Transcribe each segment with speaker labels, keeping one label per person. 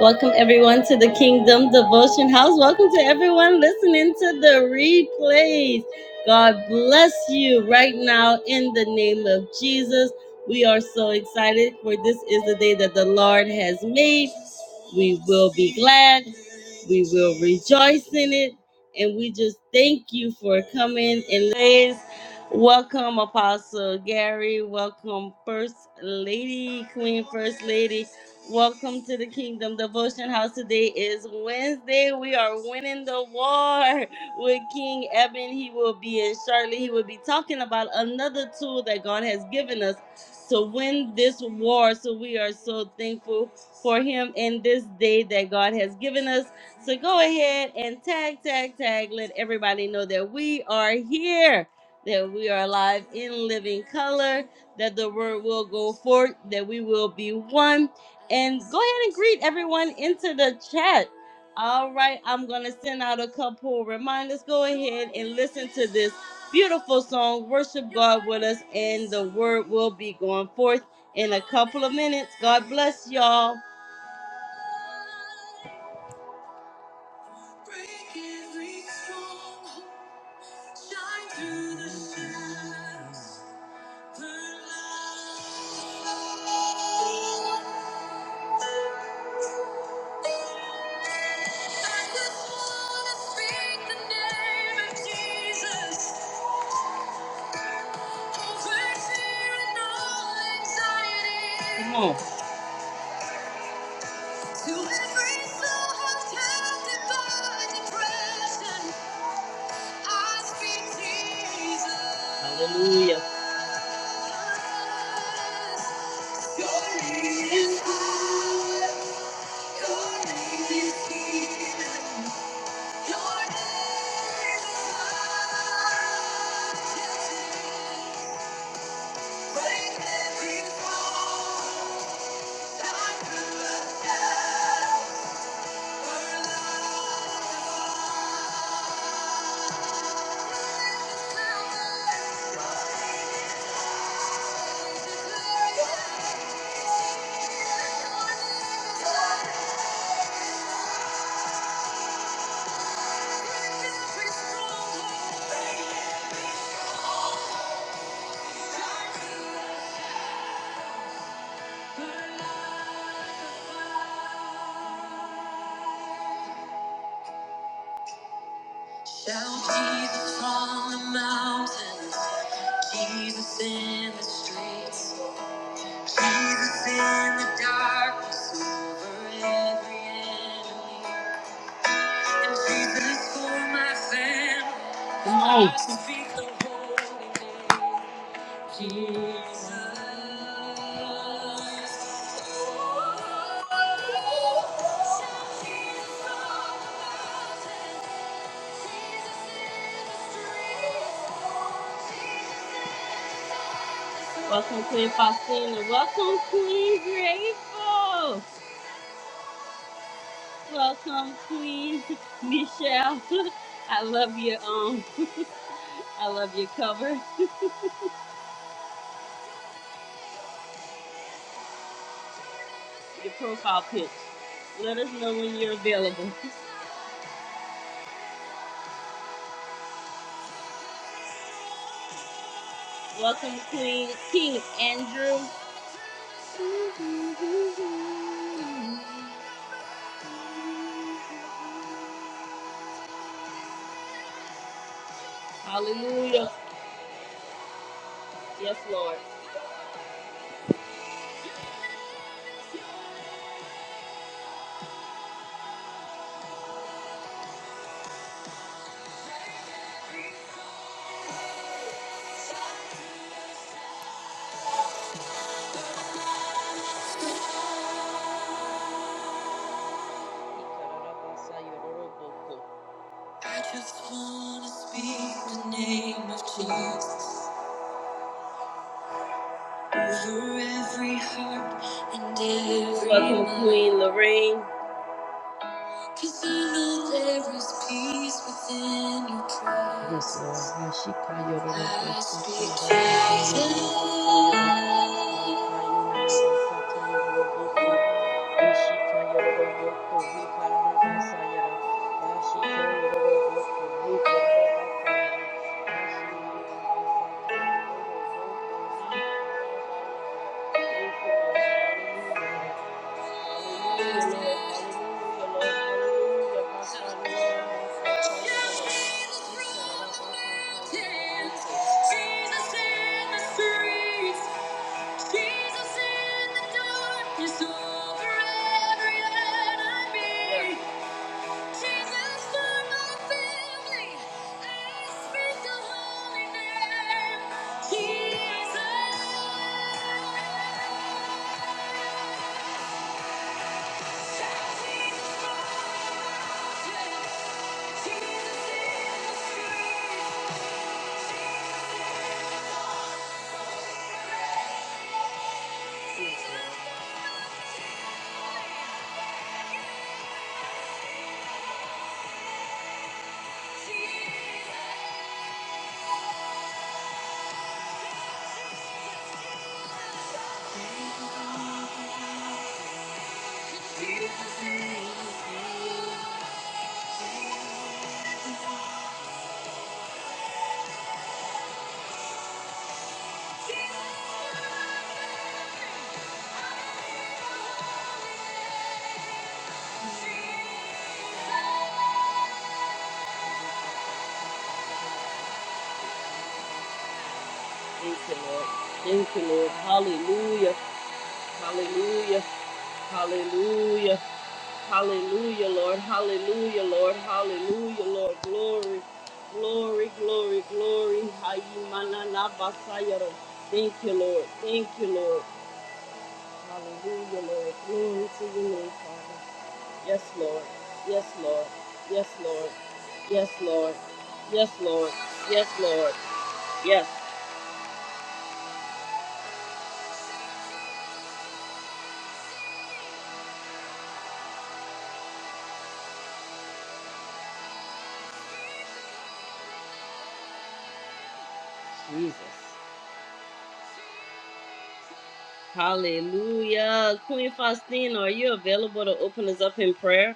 Speaker 1: Welcome everyone to the Kingdom Devotion House. Welcome to everyone listening to the replays. God bless you right now in the name of Jesus. We are so excited for this is the day that the Lord has made. We will be glad. We will rejoice in it. And we just thank you for coming and praise. Welcome, Apostle Gary. Welcome, First Lady, Queen First Lady. Welcome to the Kingdom Devotion House. Today is Wednesday. We are winning the war with King Eben. He will be in Charlotte. He will be talking about another tool that God has given us to win this war. So we are so thankful for him in this day that God has given us. So go ahead and tag, tag, tag. Let everybody know that we are here, that we are alive in living color, that the word will go forth, that we will be one and go ahead and greet everyone into the chat. All right, I'm gonna send out a couple reminders. Go ahead and listen to this beautiful song. Worship God with us, and the word will be going forth in a couple of minutes. God bless y'all. Break every stronghold, shine through the shadows. Come on. Hallelujah. Break every fall. time to the Shout Jesus from the mountains. Jesus in the streets, Jesus in the darkness over every enemy, and Jesus for my family. Oh. I speak the holy name, Jesus. Jesus Welcome, Queen Faustina. Welcome, Queen Grateful. Welcome, Queen Michelle. I love your um, I love your cover, your profile pic. Let us know when you're available. Welcome, Queen King Andrew. Hallelujah. Yes, Lord. I just wanna speak the name of Jesus. Over every heart and every Welcome, Queen Lorraine. Cause I know there is peace within your presence. Yes, Lord. Hashika yororo kosata yororo Thank you. Lord. Hallelujah. Jesus. in the streets. Thank you, Lord. Thank you, Lord. Hallelujah. Hallelujah. Hallelujah. Hallelujah, Lord. Hallelujah, Lord. Hallelujah, Lord. Glory. Glory, glory, glory. Hayimananabasayara. Thank you, Lord. Thank you, Lord. Hallelujah, Lord. Glory to your name, Father. Yes, Lord. Yes, Lord. Yes, Lord. Yes, Lord. Yes, Lord. Yes, Lord. Yes. Jesus. Hallelujah. Queen Faustina, are you available to open us up in prayer?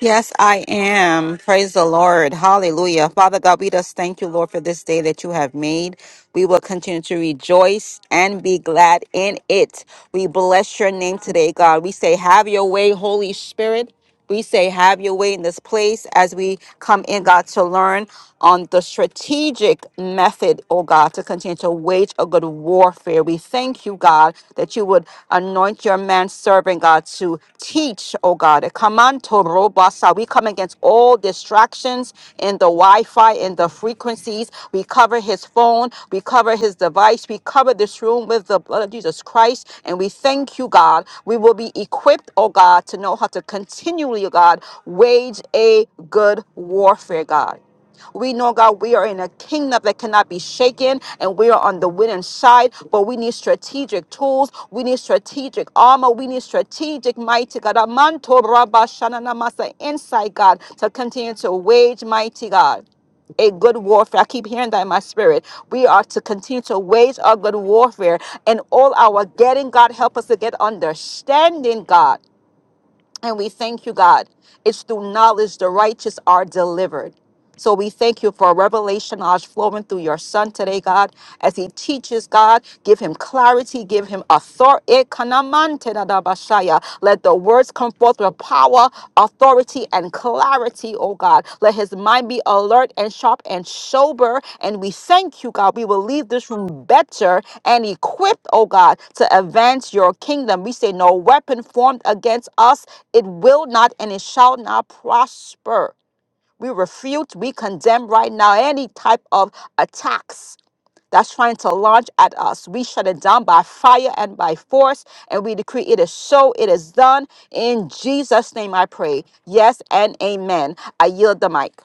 Speaker 2: Yes, I am. Praise the Lord. Hallelujah. Father God, we just thank you, Lord, for this day that you have made. We will continue to rejoice and be glad in it. We bless your name today, God. We say, Have your way, Holy Spirit. We say, Have your way in this place as we come in, God, to learn on the strategic method, oh God, to continue to wage a good warfare. We thank you thank you, God, that you would anoint your man servant, God, to teach, oh God. Kamanto robasa. We come against all distractions in the Wi Fi, in the frequencies. We cover his phone, we cover his device, we cover this room with the blood of Jesus Christ. And we thank you, God. We will be equipped, oh God, to know how to continually, oh God, wage a good warfare, God. We know, God, we are in a kingdom that cannot be shaken and we are on the winning side, but we need strategic tools. We need strategic armor. We need strategic, mighty God, amanto rabba shanana masa, insight, God, to continue to wage, mighty God a good warfare. I keep hearing that in my spirit. We are to continue to wage a good warfare and all our getting, God, help us to get understanding, God. And we thank you, God. It's through knowledge the righteous are delivered. So we thank you for revelation knowledge flowing through your son today, God, as he teaches, God. Give him clarity, give him authority. Let the words come forth with power, authority and clarity, oh God. Let his mind be alert and sharp and sober. And we thank you, God. We will leave this room better and equipped, oh God, to advance your kingdom. We say, No weapon formed against us, it will not and it shall not prosper. We refute, we condemn right now any type of attacks that's trying to launch at us. We shut it down by fire and by force, and we decree it is so, it is done. In Jesus' name I pray. Yes and amen. I yield the mic.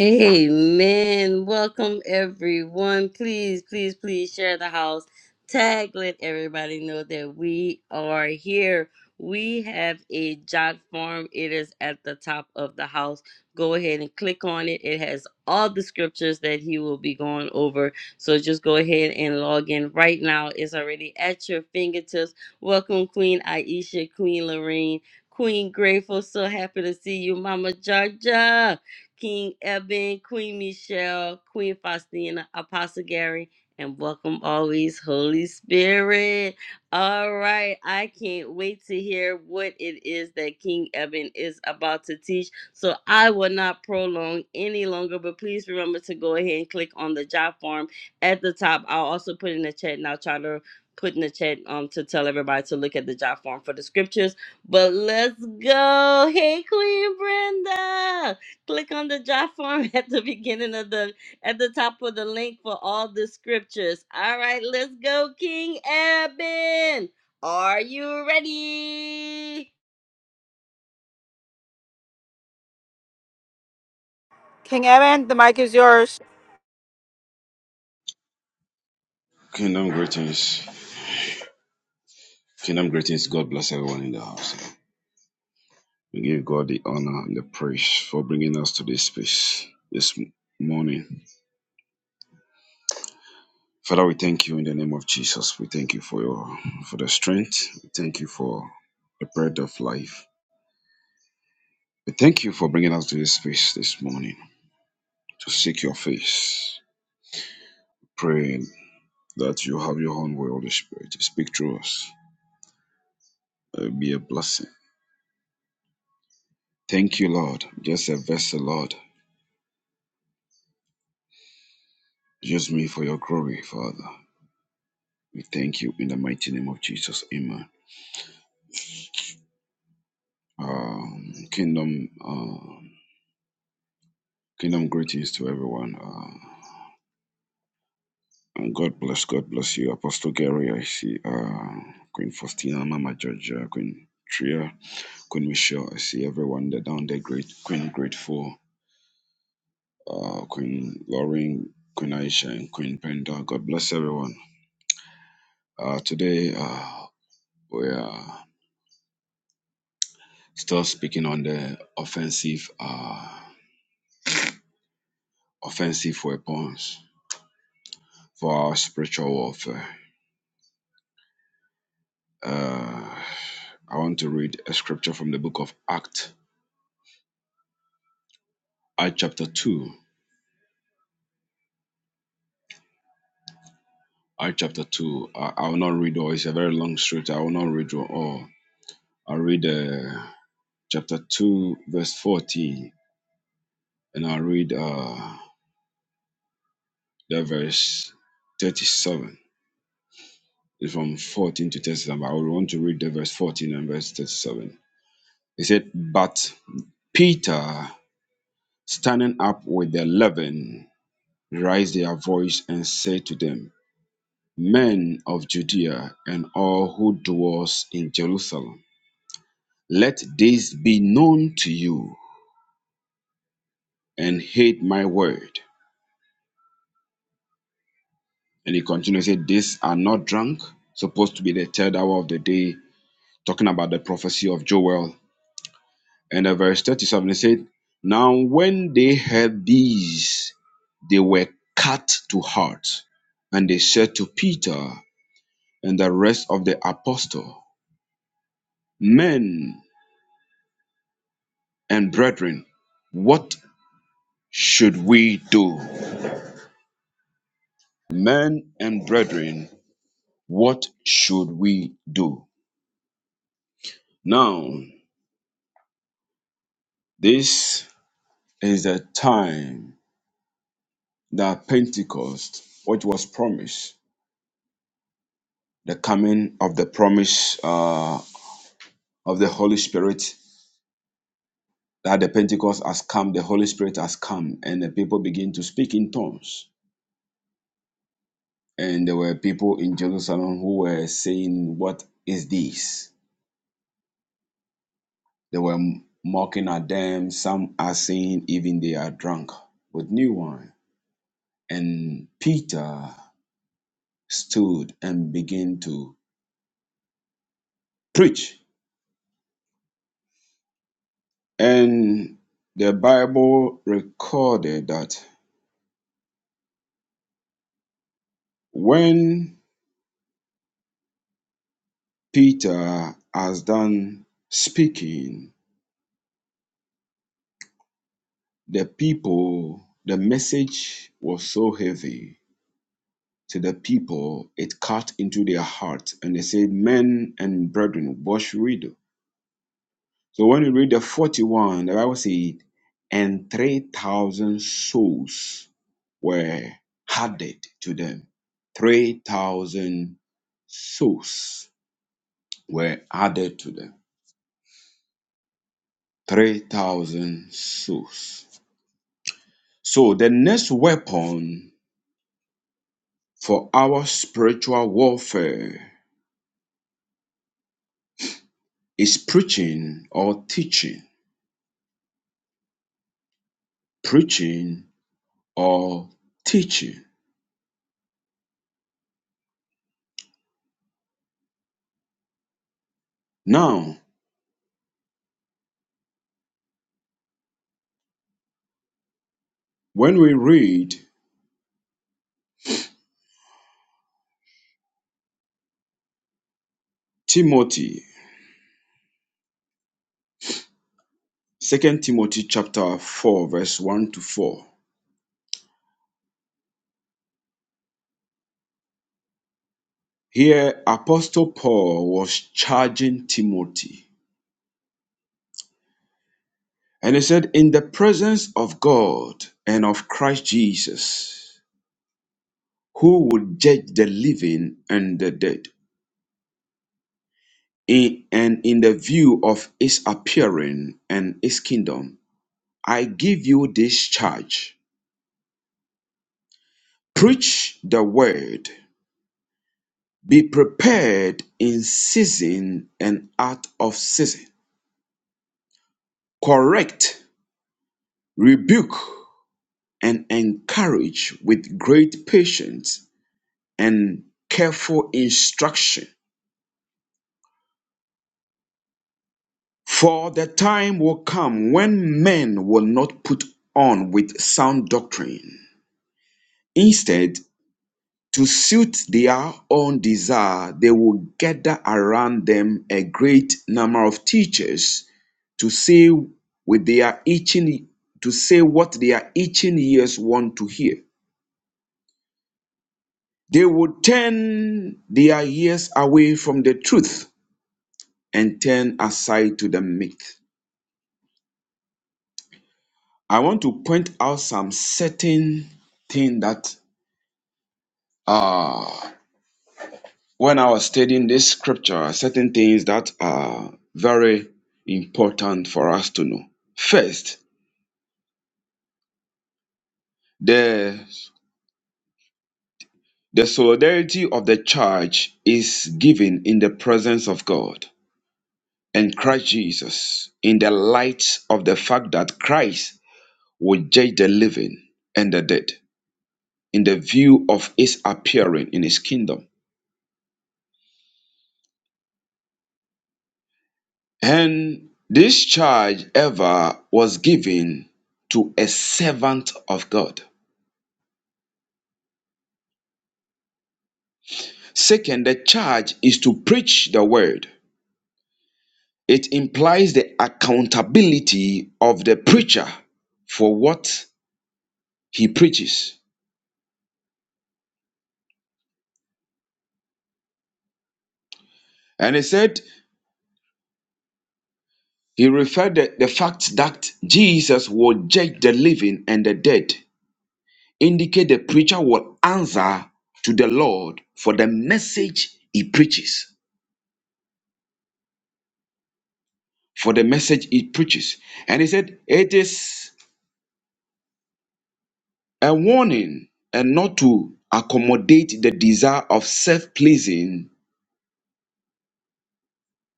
Speaker 1: Amen. Welcome everyone. Please, please, please share the house. Tag let everybody know that we are here. We have a jot form. It is at the top of the house. Go ahead and click on it. It has all the scriptures that he will be going over. So just go ahead and log in right now. It's already at your fingertips. Welcome, Queen Aisha, Queen Lorraine, Queen Grateful. So happy to see you, Mama Georgia. King Eben, Queen Michelle, Queen Faustina, Apostle Gary, and welcome always, Holy Spirit. All right, I can't wait to hear what it is that King Eben is about to teach. So I will not prolong any longer, but please remember to go ahead and click on the job form at the top. I'll also put in the chat and I'll try to put in the chat um to tell everybody to look at the job form for the scriptures. But let's go. Hey Queen Brenda click on the job form at the beginning of the at the top of the link for all the scriptures. All right, let's go, King Eben. Are you ready?
Speaker 2: King Evan, the mic is yours.
Speaker 3: Kingdom greetings. Kingdom greetings. God bless everyone in the house. We give God the honor and the praise for bringing us to this space this m- morning. Father, we thank you in the name of Jesus. We thank you for your for the strength. We thank you for the bread of life. We thank you for bringing us to this space this morning to seek your face. Praying that you have your own way, Holy Spirit. Speak through us. Uh, Be a blessing. Thank you, Lord. Just a vessel, Lord. Use me for your glory, Father. We thank you in the mighty name of Jesus. Amen. Um, kingdom, uh, kingdom greetings to everyone. Uh, and God bless, God bless you, Apostle Gary. I see uh, Queen Faustina, Mama Georgia, Queen Tria, Queen Michelle. I see everyone there down there. Great Queen, grateful. Uh, Queen Lauren, Queen Aisha, and Queen Brenda. God bless everyone. Uh, today uh, we are still speaking on the offensive, uh, offensive weapons for our spiritual warfare. Uh, I want to read a scripture from the book of Acts, Act chapter 2. Act chapter 2. I, I will not read all, it's a very long scripture. I will not read all. I'll read uh, chapter 2, verse 14, and I'll read uh, the verse 37. It's from 14 to 37. but I would want to read the verse 14 and verse 37. It said, But Peter, standing up with the eleven, raise their voice and say to them, Men of Judea and all who dwells in Jerusalem, let this be known to you and hate my word. And he continues, say, These are not drunk, supposed to be the third hour of the day, talking about the prophecy of Joel. And the verse 37, he said, Now when they heard these, they were cut to heart, and they said to Peter and the rest of the apostle, Men and brethren, what should we do? Men and brethren, what should we do? Now, this is the time that Pentecost, which was promised, the coming of the promise uh, of the Holy Spirit, that the Pentecost has come, the Holy Spirit has come, and the people begin to speak in tongues. And there were people in Jerusalem who were saying, What is this? They were mocking at them. Some are saying, even they are drunk with new wine. And Peter stood and began to preach. And the Bible recorded that when Peter has done speaking, the people, the message was so heavy to the people, it cut into their heart. And they said, Men and brethren, what should we do? So when you read the 41, the Bible said, and 3,000 souls were added to them. 3,000 souls were added to them. 3,000 souls. So the next weapon for our spiritual warfare is preaching or teaching. Preaching or teaching. Now, when we read Timothy Second Timothy chapter 4 verse 1 to 4. Here apostle Paul was charging Timothy and he said in the presence of God and of Christ Jesus who would judge the living and the dead in, and in the view of his appearing and his kingdom I give you this charge preach the word be prepared in season and out of season correct rebuke and encourage with great patience and careful instruction. For the time will come when men will not put on with sound doctrine. Instead, to suit their own desire, they will gather around them a great number of teachers to say with their itching to say what their itching ears want to hear. They would turn their ears away from the truth and turn aside to the myth. I want to point out some certain thing that uh, when I was studying this scripture, certain things that are very important for us to know. First, the the solidarity of the church is given in the presence of God and Christ Jesus in the light of the fact that Christ will judge the living and the dead in the view of his appearing in his kingdom. And this charge ever was given to a servant of God. Second, the charge is to preach the word. It implies the accountability of the preacher for what he preaches. And he said, he referred the, the fact that Jesus will judge the living and the dead indicate the preacher will answer to the Lord for the message he preaches. For the message he preaches. And he said, It is a warning and not to accommodate the desire of self pleasing,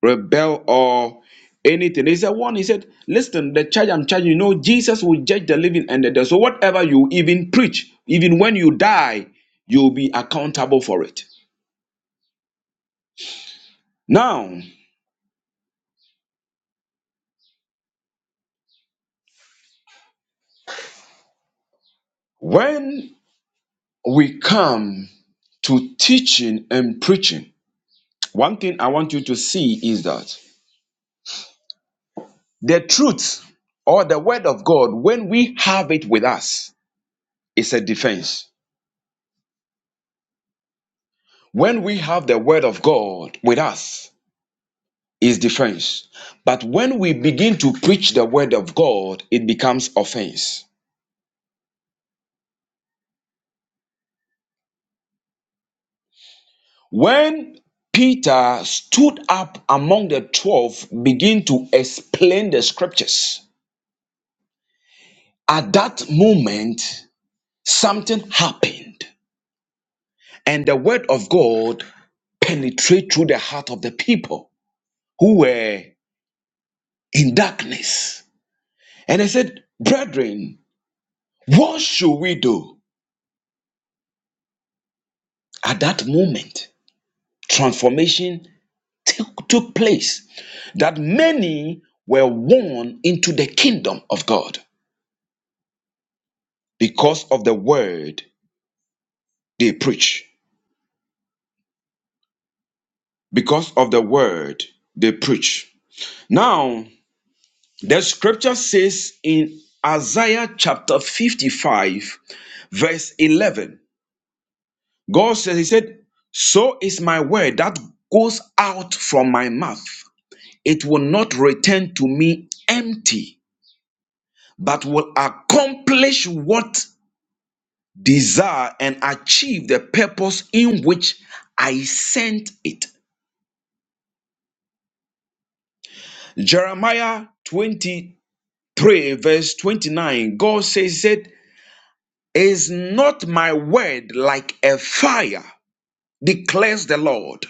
Speaker 3: rebel, or anything. He said, One, he said, Listen, the charge I'm charging, you know, Jesus will judge the living and the dead. So whatever you even preach, even when you die, you'll be accountable for it. Now, when we come to teaching and preaching, one thing I want you to see is that the truth or the word of God, when we have it with us, is a defense. When we have the word of God with us, is defense. But when we begin to preach the word of God, it becomes offense. When Peter stood up among the 12, begin to explain the scriptures. At that moment, something happened And the word of God penetrate through the heart of the people who were in darkness. And I said, Brethren, what should we do? At that moment, transformation took took place that many were won into the kingdom of God because of the word they preach. Because of the word they preach. now. The scripture says in Isaiah chapter 55, verse 11, God says, He said, So is my word that goes out from my mouth. It will not return to me empty, but will accomplish what desire and achieve the purpose in which I sent it. Jeremiah 23, verse 29, God says, Is not my word like a fire, declares the Lord,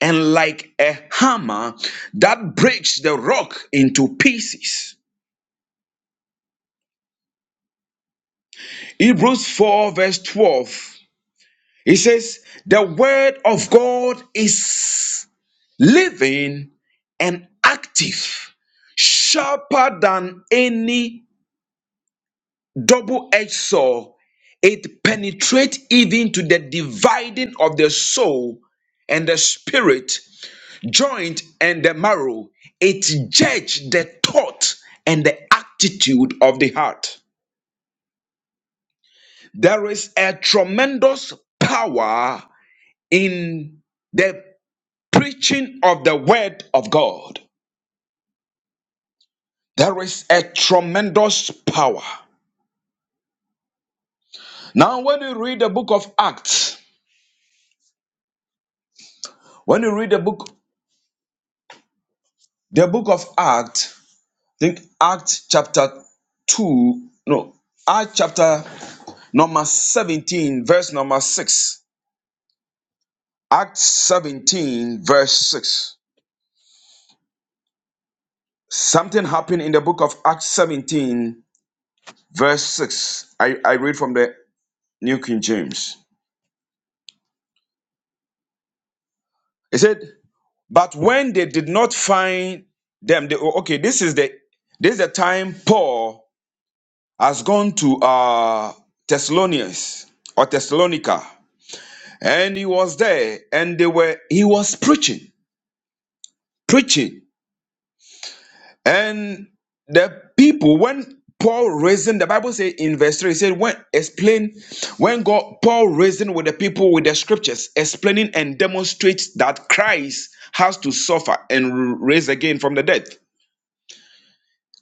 Speaker 3: and like a hammer that breaks the rock into pieces? Hebrews 4, verse 12. It says, The word of God is living and active, sharper than any double edged sword. It penetrates even to the dividing of the soul and the spirit joint and the marrow, it judges the thought and the attitude of the heart. There is a tremendous power in the preaching of the word of God. There is a tremendous power. Now, when you read the book of Acts, when you read the book, the book of Acts, I think Acts chapter 2, no, Acts chapter number 17, verse number 6. Acts 17, verse 6. Something happened in the book of Acts 17, verse 6. I, I read from the New King James. It said, But when they did not find them, they, oh, okay, this is the this is the time Paul has gone to uh Thessalonians or Thessalonica, and he was there, and they were he was preaching, preaching. And the people, when Paul reasoned, the Bible says in verse 3, it said, when explain, when God Paul reasoned with the people with the scriptures, explaining and demonstrates that Christ has to suffer and raise again from the dead.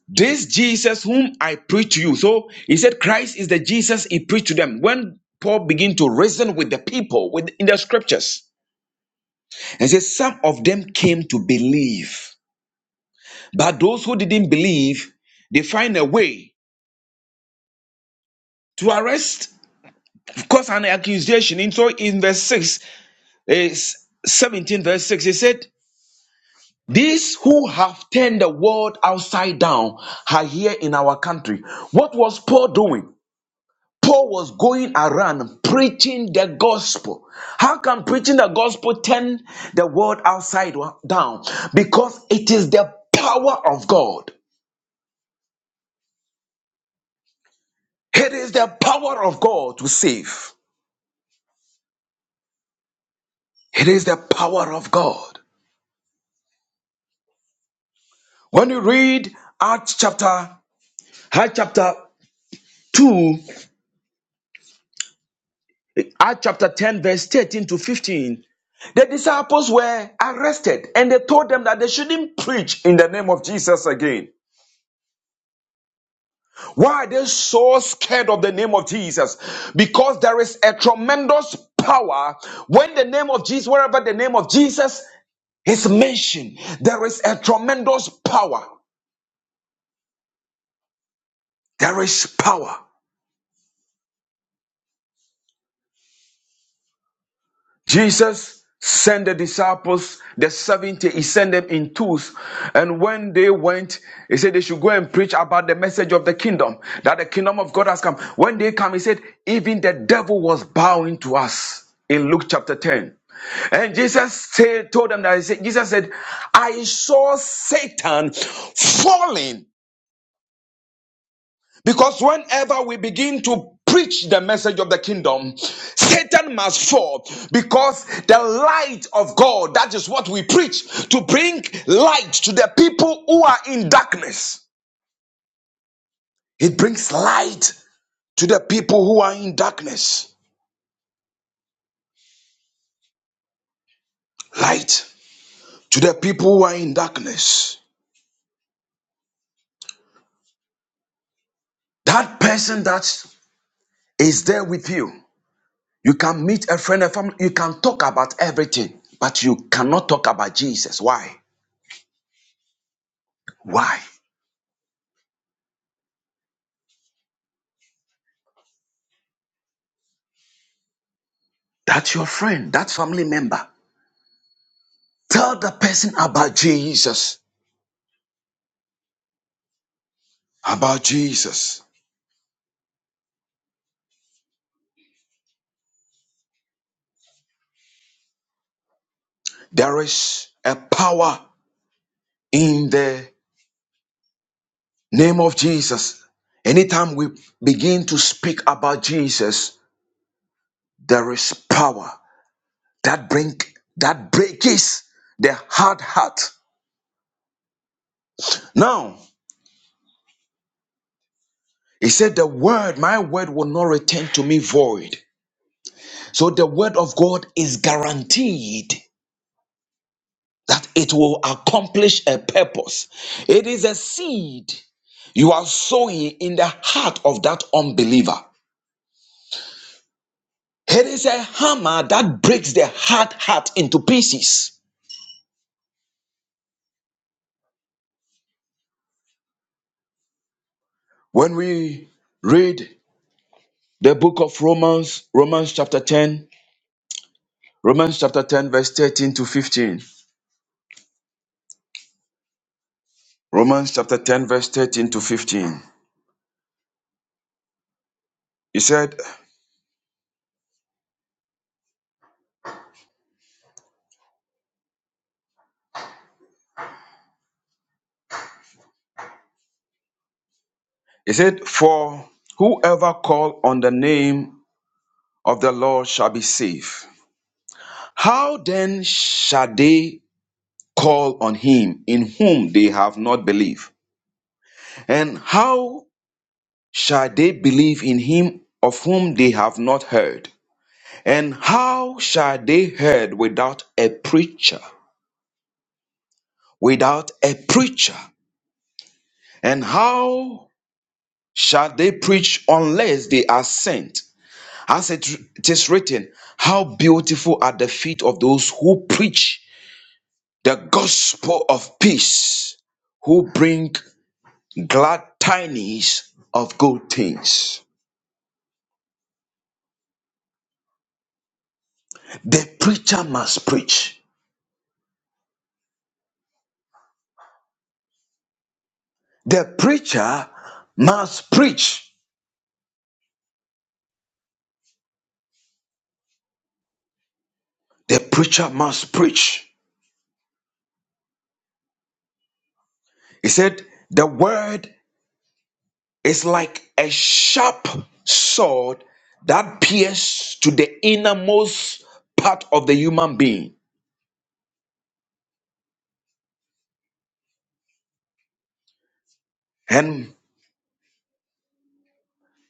Speaker 3: This Jesus whom I preach to you. So he said Christ is the Jesus he preached to them. When Paul began to reason with the people with in the scriptures, and says some of them came to believe, but those who didn't believe, they find a way to arrest of course, an accusation. And so in verse 6, is 17 verse 6, he said, These who have turned the world upside down are here in our country. What was Paul doing? Paul was going around preaching the gospel. How can preaching the gospel turn the world upside down? Because it is the power of God. It is the power of God to save. It is the power of God. When you read Acts chapter, Acts chapter 2, Acts chapter 10, verse 13 to 15, the disciples were arrested and they told them that they shouldn't preach in the name of Jesus again. Why are they so scared of the name of Jesus? Because there is a tremendous power when the name of Jesus, wherever the name of Jesus is mentioned, there is a tremendous power. There is power. Jesus sent the disciples, the 70, he sent them in twos. And when they went, he said they should go and preach about the message of the kingdom, that the kingdom of God has come. When they come, he said, even the devil was bowing to us in Luke chapter 10. And Jesus said, told them that he said, Jesus said, I saw Satan falling because whenever we begin to preach the message of the kingdom, Satan must fall because the light of God, that is what we preach, to bring light to the people who are in darkness. It brings light to the people who are in darkness. Light to the people who are in darkness. That person that is there with you, you can meet a friend, a family, you can talk about everything, but you cannot talk about Jesus. Why? Why? That's your friend, that family member. Tell the person about Jesus. About Jesus. There is a power in the name of Jesus. Anytime we begin to speak about Jesus, there is power that bring that breaks the hard heart. Now, he said, The word, my word will not return to me void. So the word of God is guaranteed that it will accomplish a purpose. It is a seed you are sowing in the heart of that unbeliever. It is a hammer that breaks the hard heart into pieces. When we read the book of Romans, Romans chapter 10, Romans chapter 10, verse 13 to 15, Romans chapter 10, verse 13 to 15, he said, He said, For whoever call on the name of the Lord shall be saved. How then shall they call on him in whom they have not believed? And how shall they believe in him of whom they have not heard? And how shall they heard without a preacher? Without a preacher. And how shall they preach unless they are sent? As it it is written, how beautiful are the feet of those who preach the gospel of peace who bring glad tidings of good things. The preacher must preach. The preacher must preach. The preacher must preach. He said, The word is like a sharp sword that pierces to the innermost part of the human being and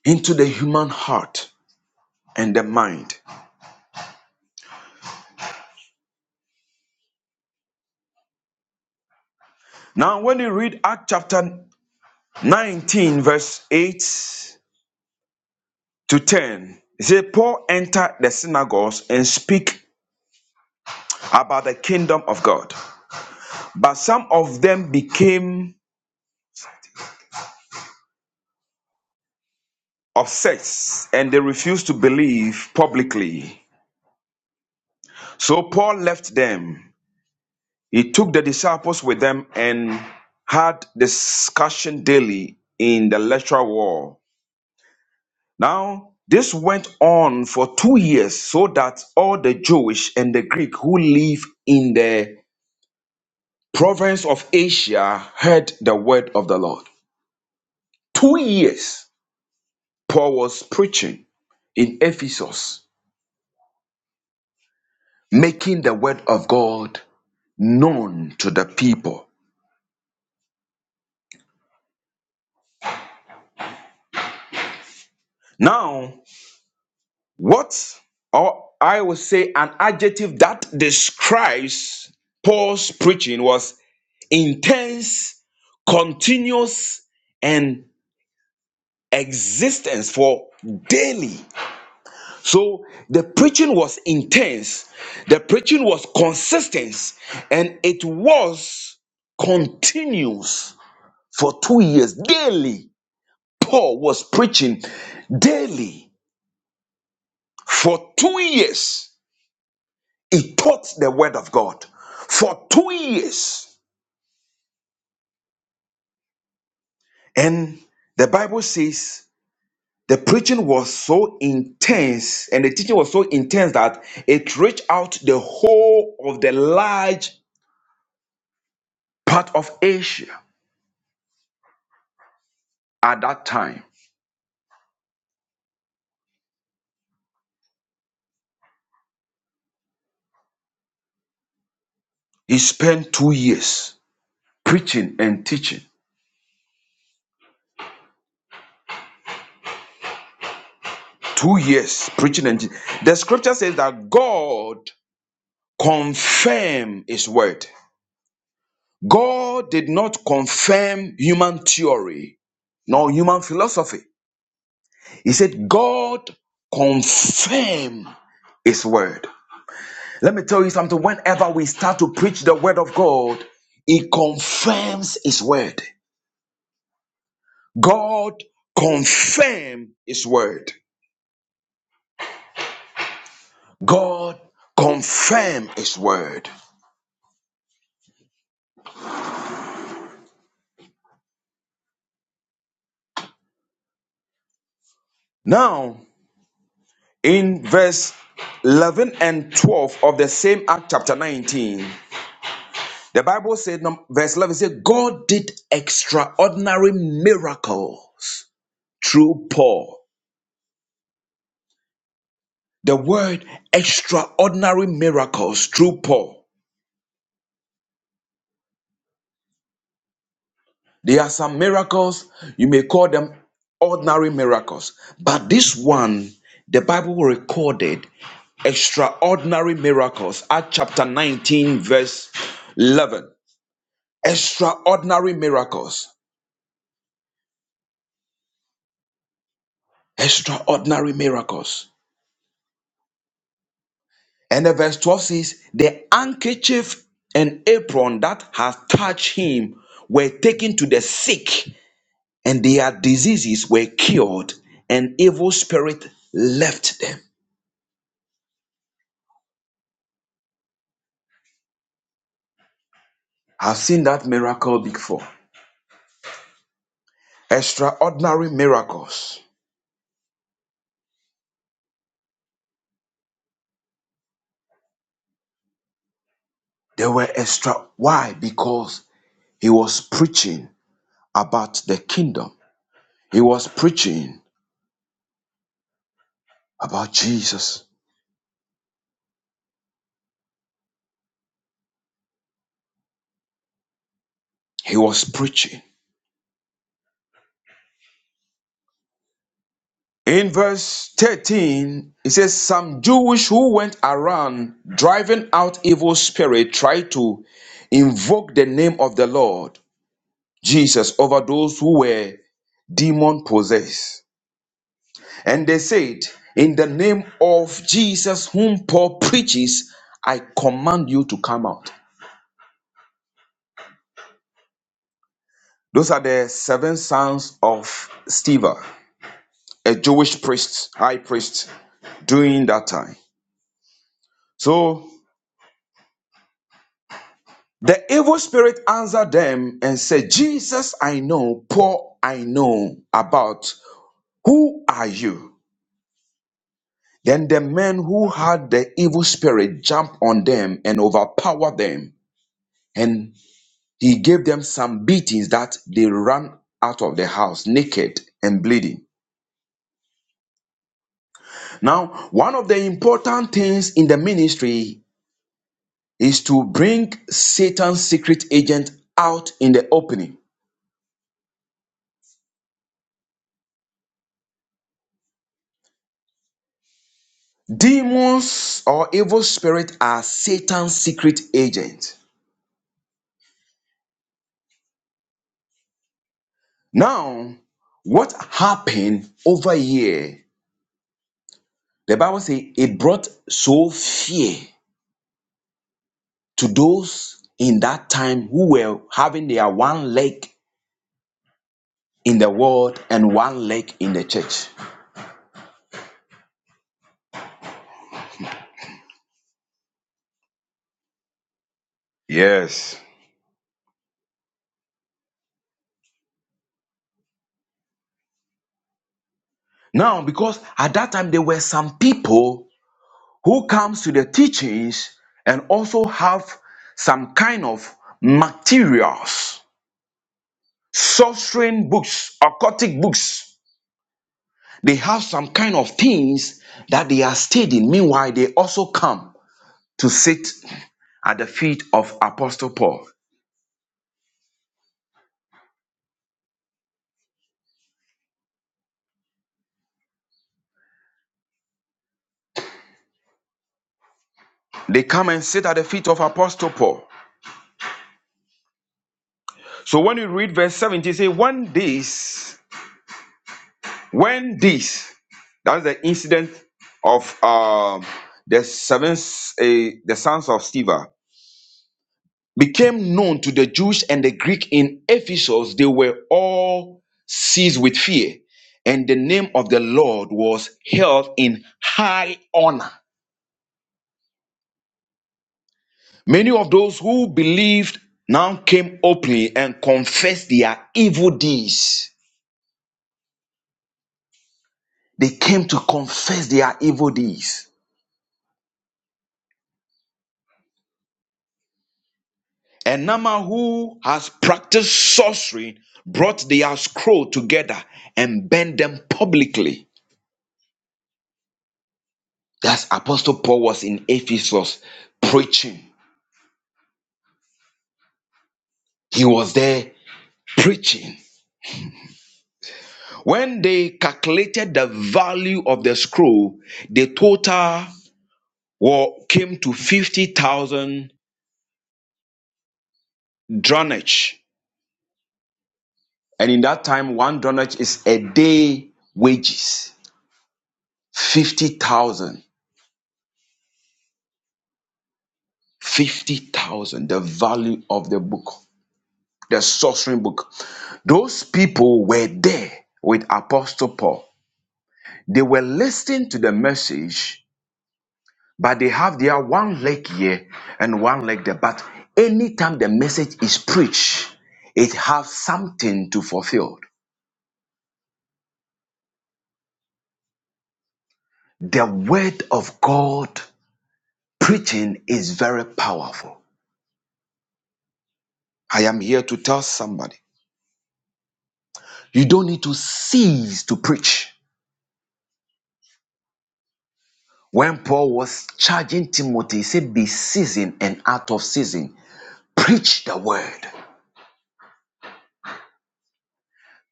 Speaker 3: into the human heart and the mind. Now, when you read Act chapter 19, verse 8 to 10. He said, Paul entered the synagogues and speak about the kingdom of God. But some of them became obsessed and they refused to believe publicly. So Paul left them. He took the disciples with them and had discussion daily in the lecture hall. Now, this went on for two years so that all the Jewish and the Greek who live in the province of Asia heard the word of the Lord. Two years Paul was preaching in Ephesus, making the word of God known to the people. Now, what or I would say an adjective that describes Paul's preaching was intense, continuous, and existence for daily. So the preaching was intense, the preaching was consistent, and it was continuous for two years. Daily, Paul was preaching daily for two years. He taught the word of God for two years. And the Bible says the preaching was so intense and the teaching was so intense that it reached out the whole of the large part of Asia. At that time, he spent two years preaching and teaching. Two years preaching and teaching. The scripture says that God confirmed his word. God did not confirm human theory nor human philosophy. He said, God confirmed his word. Let me tell you something. Whenever we start to preach the word of God, He confirms his word. God confirmed his word. God confirm his word. Now, in verse 11 and 12 of the same Act chapter 19, the Bible said, num- verse 11 said, God did extraordinary miracles through Paul. The word extraordinary miracles through Paul. There are some miracles, you may call them ordinary miracles, but this one, the Bible recorded. extraordinary miracles. Acts chapter 19, verse 11. Extraordinary miracles. Extraordinary miracles. And the verse 12 says, The handkerchief and apron that had touched him were taken to the sick, and their diseases were cured, and evil spirit left them. I've seen that miracle before. Extraordinary miracles. They were extra. Why? Because he was preaching about the kingdom. He was preaching about Jesus. He was preaching. In verse 13, it says, Some Jewish who went around driving out evil spirit tried to invoke the name of the Lord Jesus over those who were demon possessed. And they said, In the name of Jesus, whom Paul preaches, I command you to come out. Those are the seven sons of Stephen. a Jewish priest, high priest, during that time. So the evil spirit answered them and said, Jesus, I know, Paul, I know about. Who are you? Then the men who had the evil spirit jumped on them and overpowered them. And he gave them some beatings that they ran out of the house naked and bleeding. Now, one of the important things in the ministry is to bring Satan's secret agent out in the opening. Demons or evil spirit are Satan's secret agent. Now, what happened over here? The Bible says it brought so fear to those in that time who were having their one leg in the world and one leg in the church. Yes. Now, because at that time there were some people who comes to the teachings and also have some kind of materials, sorcering books, occultic books. They have some kind of things that they are studying. Meanwhile, they also come to sit at the feet of Apostle Paul. They come and sit at the feet of Apostle Paul. So when you read verse 70, it say, when this, when this, that's the incident of um, the seven, uh, the sons of Stephen. became known to the Jews and the Greek in Ephesus, they were all seized with fear, and the name of the Lord was held in high honor. Many of those who believed now came openly and confessed their evil deeds. They came to confess their evil deeds. And Nama, who has practiced sorcery, brought their scroll together and burned them publicly. That's Apostle Paul was in Ephesus preaching. He was there preaching. When they calculated the value of the scroll, the total wa- came to 50,000 dronnage. And in that time, one drachm is a day wages. 50,000. 50,000. The value of the book, the sorcery book. Those people were there with Apostle Paul. They were listening to the message, but they have their one leg here and one leg there. But anytime the message is preached, it has something to fulfill. The word of God preaching is very powerful. I am here to tell somebody you don't need to cease to preach. When Paul was charging Timothy, he said, Be seasoned and out of season. Preach the word.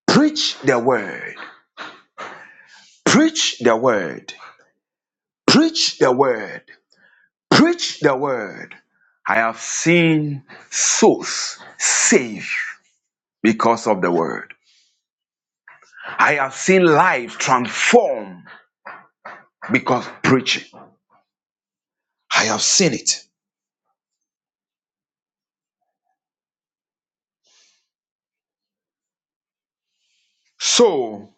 Speaker 3: Preach the word. Preach the word. Preach the word. Preach the word. I have seen souls saved because of the word. I have seen life transformed because of preaching. I have seen it. So,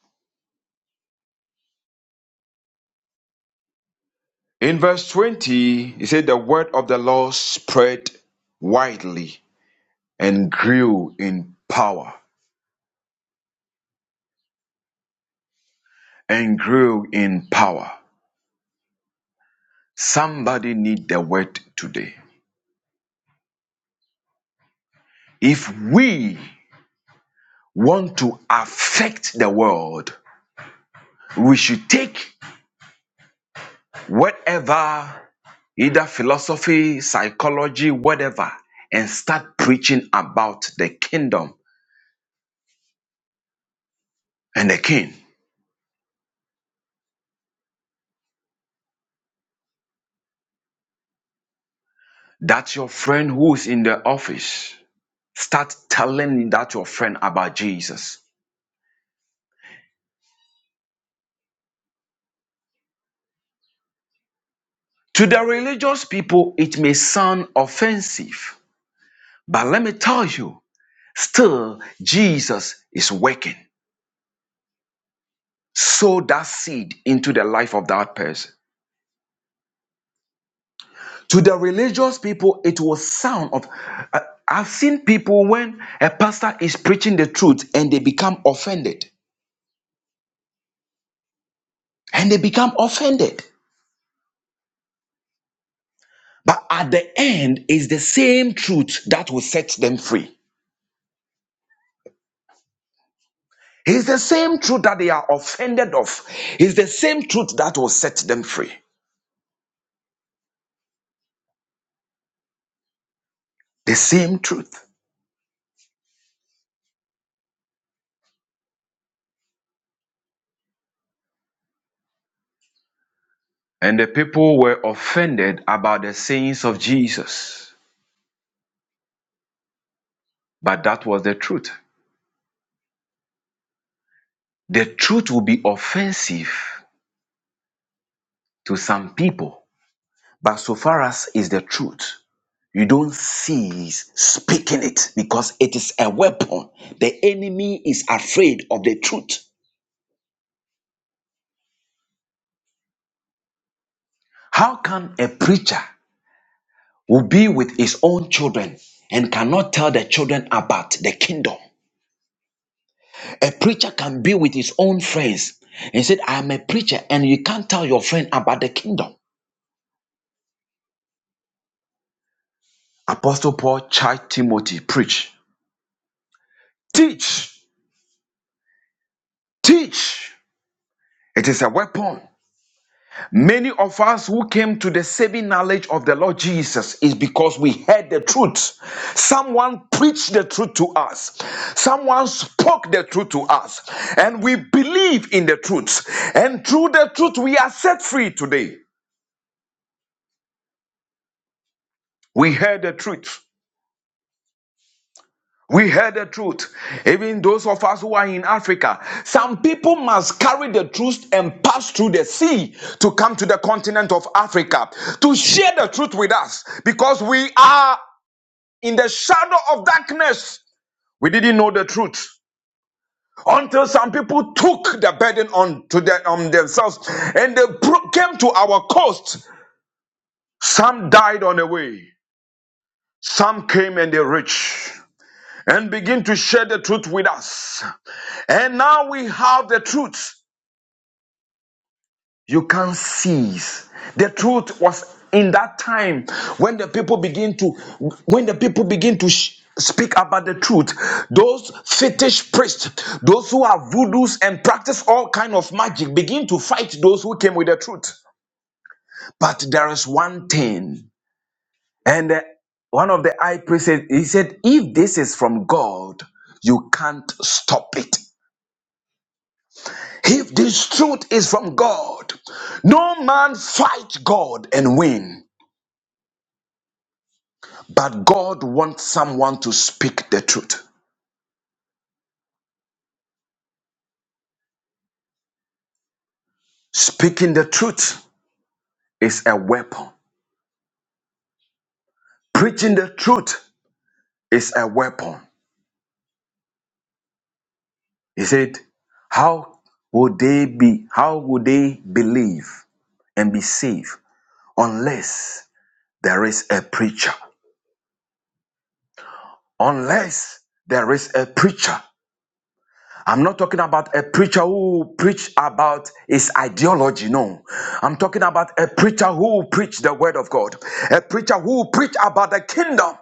Speaker 3: in verse 20, it said, The word of the Lord spread widely and grew in power, and grew in power. Somebody need the word today. If we want to affect the world, we should take whatever, either philosophy, psychology, whatever, and start preaching about the kingdom and the king. That's your friend who is in the office. Start telling that your friend about Jesus. To the religious people, it may sound offensive, but let me tell you, still, Jesus is working. Sow that seed into the life of that person. to the religious people it was sound of I- i've seen people when a pastor is preaching the truth and they become offended and they become offended but at the end is the same truth that will set them free it's the same truth that they are offended of it's the same truth that will set them free the same truth and the people were offended about the sayings of jesus but that was the truth the truth will be offensive to some people But so far as is the truth, you don't cease speaking it because it is a weapon. The enemy is afraid of the truth. How can a preacher who be with his own children and cannot tell the children about the kingdom? A preacher can be with his own friends and said, I am a preacher, and you can't tell your friend about the kingdom. Apostle Paul charged Timothy, preach, teach, teach. It is a weapon. Many of us who came to the saving knowledge of the Lord Jesus is because we heard the truth. Someone preached the truth to us. Someone spoke the truth to us. And we believe in the truth. And through the truth, we are set free today. We heard the truth. We heard the truth. Even those of us who are in Africa, some people must carry the truth and pass through the sea to come to the continent of Africa to share the truth with us because we are in the shadow of darkness, we didn't know the truth until some people took the burden on to their, on themselves and they pro- came to our coast. Some died on the way. Some came and they reached and begin to share the truth with us. And now we have the truth. You can't cease. The truth was in that time when the people begin to when the people begin to sh- speak about the truth those fetish priests those who are voodoos and practice all kind of magic begin to fight those who came with the truth but there is one thing and uh, one of the high priests said- he said if this is from god you can't stop it if this truth is from god no man fight god and win But God wants someone to speak the truth. Speaking the truth is a weapon. Preaching the truth is a weapon. He said, How would they be, how would they believe and be saved unless there is a preacher? Unless there is a preacher. I'm not talking about a preacher who preach about his ideology. No, I'm talking about a preacher who preach the word of God, a preacher who preach about the kingdom,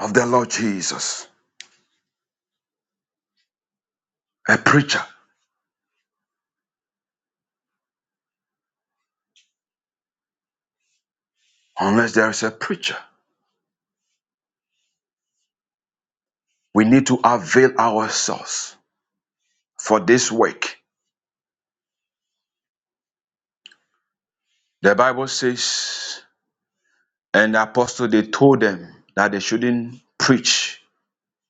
Speaker 3: of the Lord Jesus. A preacher, unless there is a preacher, we need to avail ourselves for this work. The Bible says, and the apostle they told them that they shouldn't preach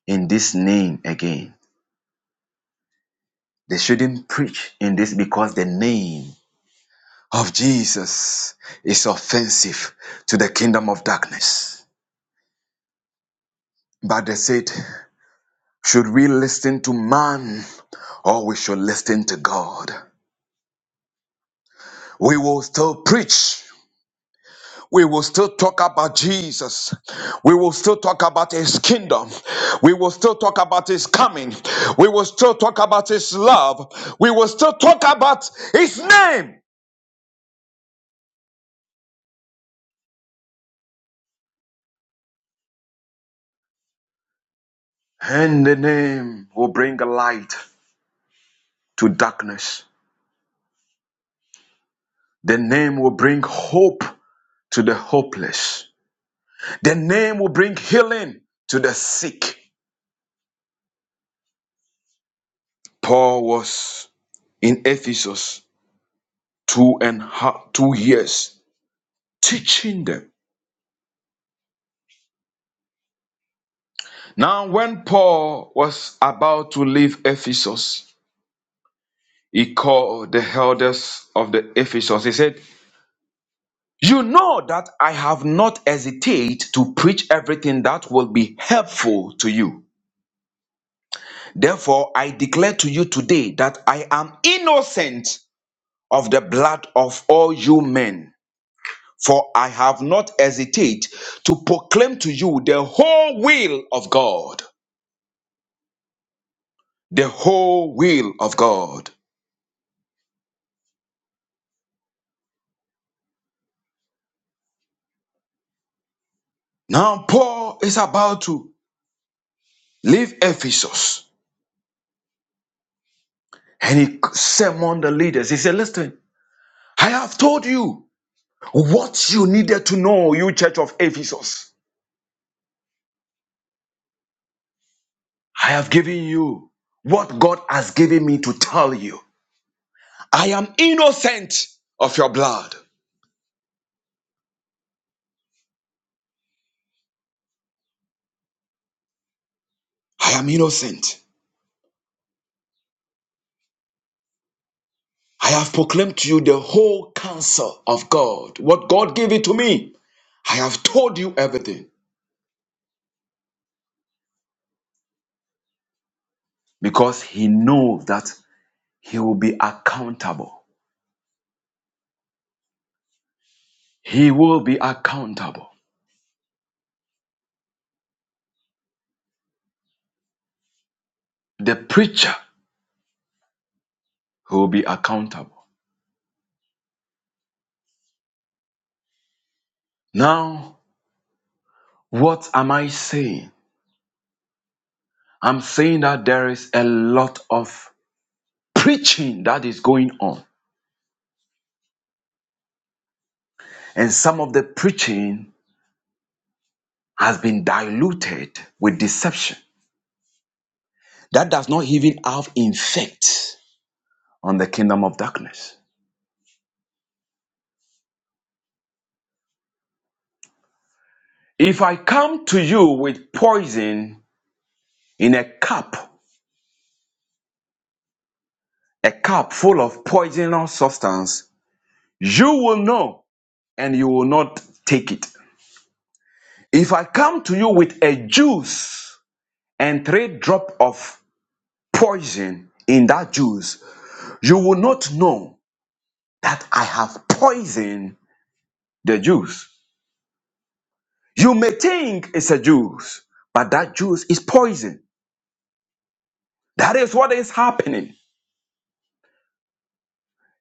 Speaker 3: in this name again. They shouldn't preach in this because the name of Jesus is offensive to the kingdom of darkness. But they said, should we listen to man or we should listen to God? We will still preach we will still talk about Jesus. We will still talk about his kingdom. We will still talk about his coming. We will still talk about his love. We will still talk about his name. And the name will bring light to darkness. The name will bring hope to the hopeless. The name will bring healing to the sick. Paul was in Ephesus two and half, two years teaching them Now, when Paul was about to leave Ephesus, he called the elders of the Ephesus. He said, You know that I have not hesitated to preach everything that will be helpful to you. Therefore, I declare to you today that I am innocent of the blood of all you men. For I have not hesitated to proclaim to you the whole will of God. The whole will of God. Now, Paul is about to leave Ephesus and he summoned the leaders. He said, Listen, I have told you what you needed to know, you church of Ephesus. I have given you what God has given me to tell you. I am innocent of your blood. I am innocent. I have proclaimed to you the whole counsel of God, what God gave it to me. I have told you everything because He knows that He will be accountable. He will be accountable. The preacher will be accountable. Now, what am I saying? I'm saying that there is a lot of preaching that is going on, and some of the preaching has been diluted with deception. That does not even have effect on the kingdom of darkness. If I come to you with poison in a cup, a cup full of poisonous substance, you will know and you will not take it. If I come to you with a juice and three drop of poison in that juice, you will not know that I have poisoned the juice. You may think it's a juice, but that juice is poison. That is what is happening.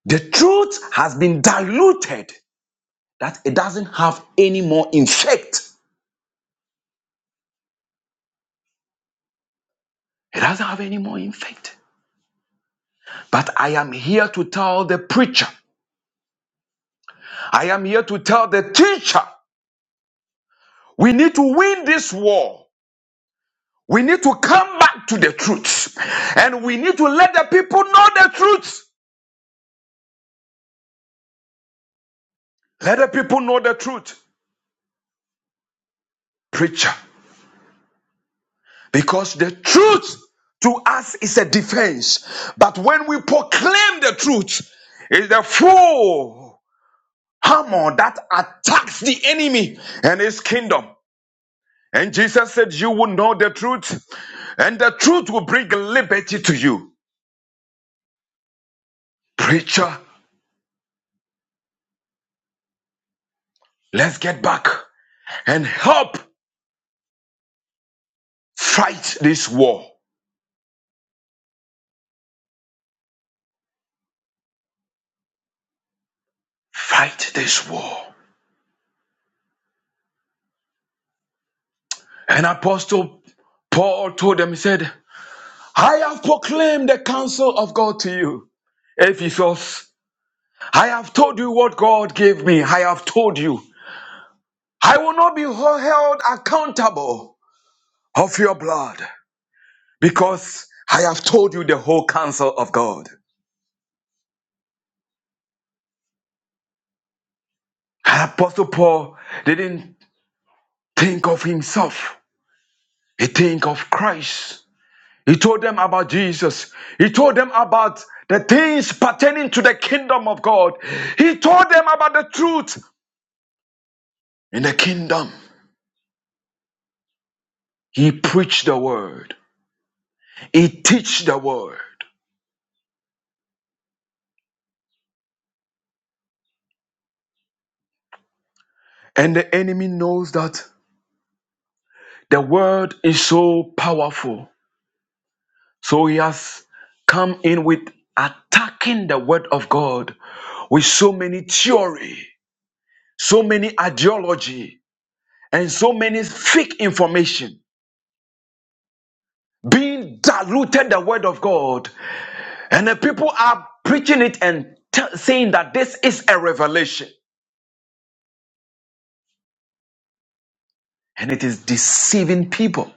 Speaker 3: The truth has been diluted that it doesn't have any more effect. It doesn't have any more effect. But I am here to tell the preacher I am here to tell the teacher we need to win this war. We need to come back to the truth. And we need to let the people know the truth. Let the people know the truth, preacher. Because the truth to us is a defense. But when we proclaim the truth, it's the full hammer that attacks the enemy and his kingdom. And Jesus said, You will know the truth, and the truth will bring liberty to you. Preacher, Let's get back and help fight this war. Fight this war. And Apostle Paul told them, he said, I have proclaimed the counsel of God to you, Ephesus. I have told you what God gave me. I have told you. I will not be held accountable of your blood because I have told you the whole counsel of God. And Apostle Paul didn't think of himself. He think of Christ He told them about Jesus. He told them about the things pertaining to the kingdom of God. He told them about the truth in the kingdom. He preached the word. He teach the word. And the enemy knows that the word is so powerful. So he has come in with attacking the word of God with so many theory, so many ideology, and so many fake information being diluted the word of God, and the people are preaching it and t- saying that this is a revelation, and it is deceiving people.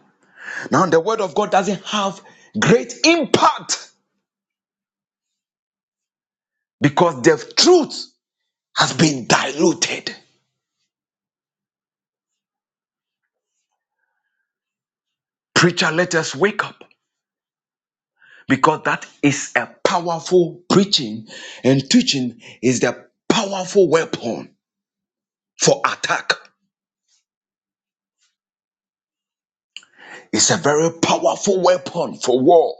Speaker 3: Now, the word of God doesn't have great impact because the truth has been diluted. Preacher, let us wake up because that is a powerful preaching, and teaching is the powerful weapon for attack. It's a very powerful weapon for war.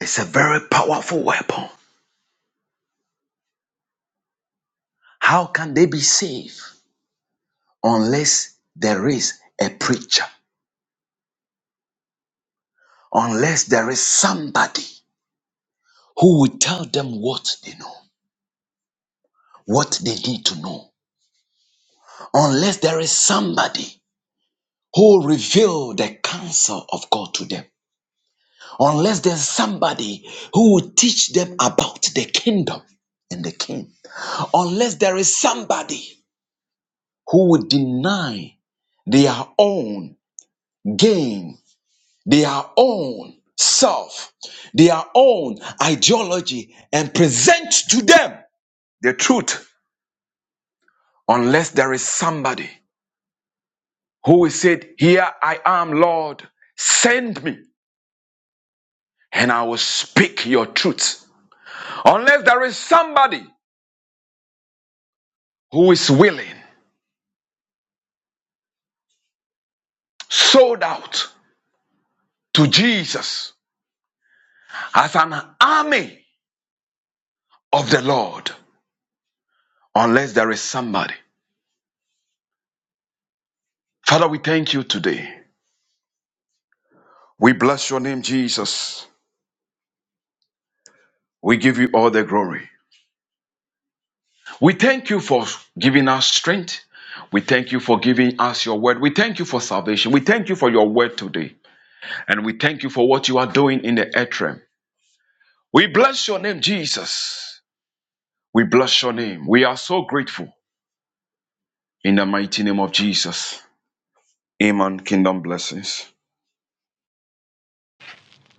Speaker 3: It's a very powerful weapon. How can they be saved unless there is a preacher? Unless there is somebody who will tell them what they know, what they need to know. Unless there is somebody who will reveal the counsel of God to them. Unless there's somebody who will teach them about the kingdom and the king. Unless there is somebody who will deny their own gain their own self, their own ideology, and present to them the truth, unless there is somebody who said, Here I am, Lord, send me, and I will speak your truth. Unless there is somebody who is willing, sold out to Jesus as an army of the Lord, unless there is somebody. Father, we thank you today. We bless your name, Jesus. We give you all the glory. We thank you for giving us strength. We thank you for giving us your word. We thank you for salvation. We thank you for your word today. And we thank you for what you are doing in the earth realm. We bless your name, Jesus. We bless your name. We are so grateful in the mighty name of Jesus. Amen. Kingdom blessings.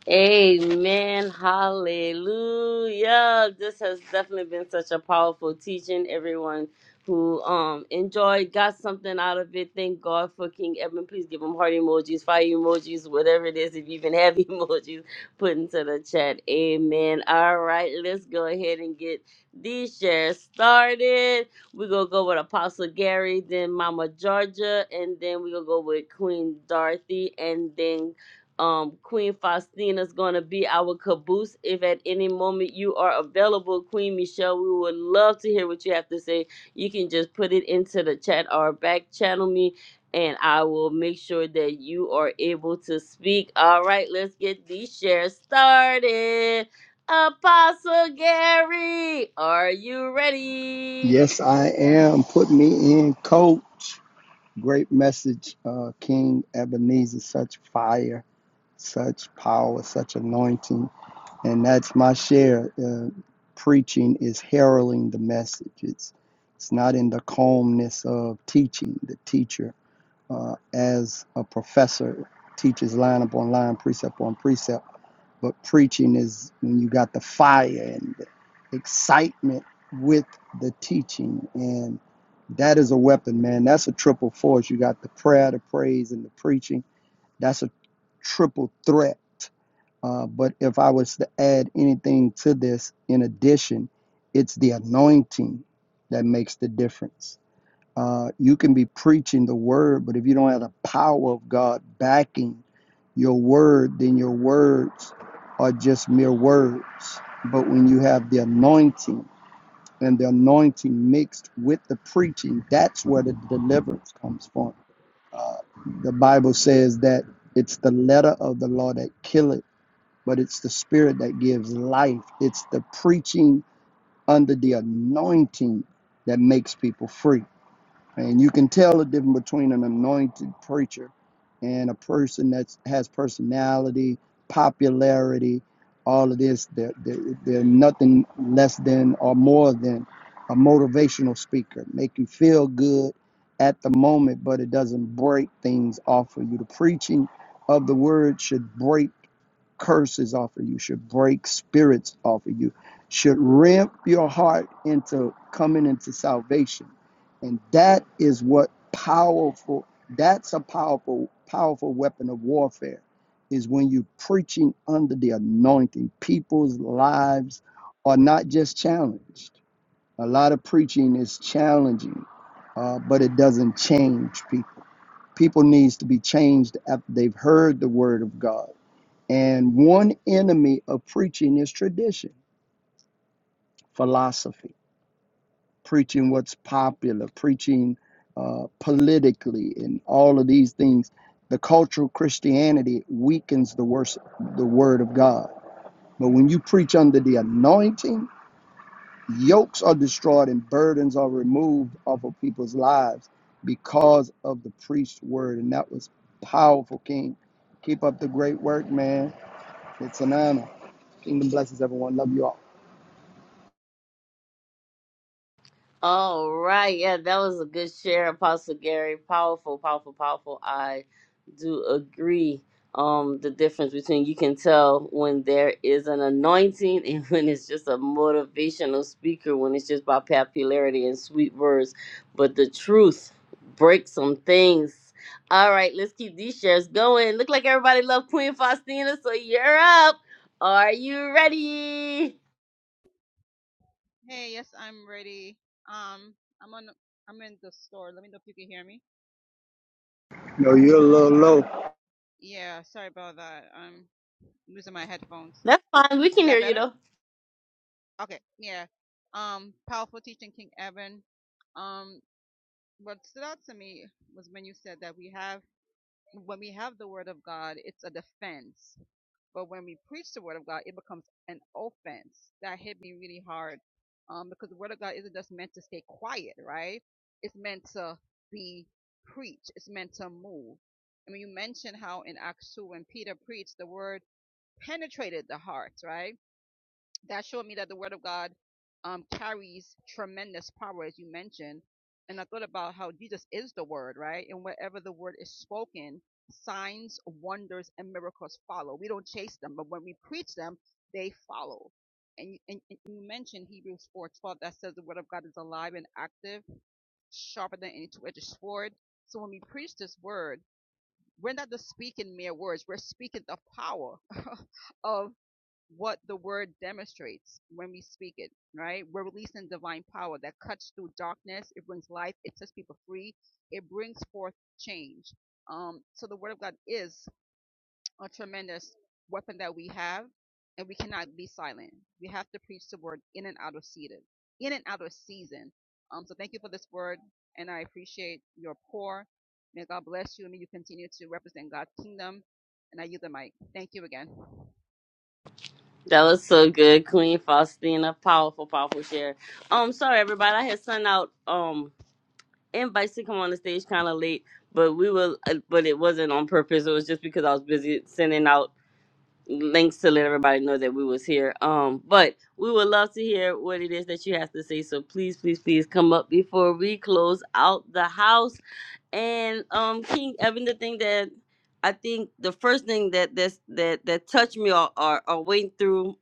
Speaker 1: Amen. Hallelujah. This has definitely been such a powerful teaching. Everyone who um enjoyed, got something out of it. Thank God for King Edmund. Please give him heart emojis, fire emojis, whatever it is. If you even have emojis, put into the chat. Amen. All right, let's go ahead and get these shares started. We're gonna go with Apostle Gary, then Mama Georgia, and then we're gonna go with Queen Dorothy, and then um, Queen Faustina is going to be our caboose. If at any moment you are available, Queen Michelle, we would love to hear what you have to say. You can just put it into the chat or back channel me, and I will make sure that you are able to speak. All right, let's get these shares started. Apostle Gary, are you ready?
Speaker 4: Yes, I am. Put me in, coach. Great message, uh, King Ebenezer. Such fire, such power, such anointing. And that's my share. Uh, preaching is heralding the message, it's, it's not in the calmness of teaching. The teacher, uh, as a professor, teaches line upon line, precept upon precept. But preaching is when you got the fire and the excitement with the teaching. And that is a weapon, man. That's a triple force. You got the prayer, the praise, and the preaching. That's a triple threat. Uh, but if I was to add anything to this, in addition, it's the anointing that makes the difference uh, you can be preaching the word, but if you don't have the power of God backing your word, then your words are just mere words. But when you have the anointing and the anointing mixed with the preaching, that's where the deliverance comes from. Uh, the Bible says that it's the letter of the law that killeth, but it's the spirit that gives life. It's the preaching under the anointing that makes people free. And you can tell the difference between an anointed preacher and a person that has personality, popularity, all of this. They're, they're, they're nothing less than or more than a motivational speaker. Make you feel good at the moment, but it doesn't break things off of you. The preaching of the word should break curses off of you, should break spirits off of you, should ramp your heart into coming into salvation. And that is what powerful, that's a powerful, powerful weapon of warfare, is when you're preaching under the anointing. People's lives are not just challenged. A lot of preaching is challenging, uh, but it doesn't change people. People needs to be changed after they've heard the word of God and one enemy of preaching is tradition, philosophy, preaching what's popular, preaching uh, politically, and all of these things. The cultural Christianity weakens the worst, the word of God. But when you preach under the anointing, yokes are destroyed and burdens are removed off of people's lives because of the preached word. And that was powerful, King. Keep up the great work, man. It's an honor. Kingdom blesses everyone. Love you all.
Speaker 1: All right. Yeah, that was a good share, Apostle Gary. Powerful, powerful, powerful. I do agree. Um, the difference between you can tell when there is an anointing and when it's just a motivational speaker, when it's just by popularity and sweet words. But the truth breaks some things. All right, let's keep these shares going. Look like everybody loved Queen Faustina, so you're up. Are you ready?
Speaker 2: Hey, yes, I'm ready. Um, I'm on. I'm in the store. Let me know if you can hear me.
Speaker 4: No, you're a little low.
Speaker 2: Yeah, sorry about that. I'm losing my headphones.
Speaker 1: That's fine. We
Speaker 2: Is
Speaker 1: can hear
Speaker 2: that
Speaker 1: you
Speaker 2: better?
Speaker 1: though.
Speaker 2: Okay. Yeah. Um, powerful teaching, King Evan. Um, what stood out to me was when you said that we have. when we have the word of God, it's a defense. But when we preach the word of God, it becomes an offense. That hit me really hard. Um, because the word of God isn't just meant to stay quiet, right? It's meant to be preached. It's meant to move. I mean, you mentioned how in Acts 2, when Peter preached, the word penetrated the hearts, right? that showed me that the word of God um, carries tremendous power, as you mentioned. And I thought about how Jesus is the word, right? And wherever the word is spoken, signs, wonders, and miracles follow. We don't chase them, but when we preach them, they follow. And you, and and you mentioned Hebrews 4:12 that says the word of God is alive and active, sharper than any two-edged sword. So when we preach this word, we're not just speaking mere words; we're speaking the power of what the word demonstrates when we speak it, right? We're releasing divine power that cuts through darkness. It brings life. It sets people free. It brings forth change. Um, so the word of God is a tremendous weapon that we have, and we cannot be silent. We have to preach the word in and out of season. In and out of season. Um, so thank you for this word, and I appreciate your pour. May God bless you, and may you continue to represent God's kingdom. And I yield the mic. Thank you again.
Speaker 1: That was so good, Queen Faustina. Powerful, powerful share. Um, sorry everybody, I had sent out um invites to come on the stage kind of late, but we will. uh, but it wasn't on purpose. It was just because I was busy sending out links to let everybody know that we was here. Um, but we would love to hear what it is that you have to say. So please, please, please come up before we close out the house. And um, King Evan, the thing that I think the first thing that that's, that that touched me or or, or went through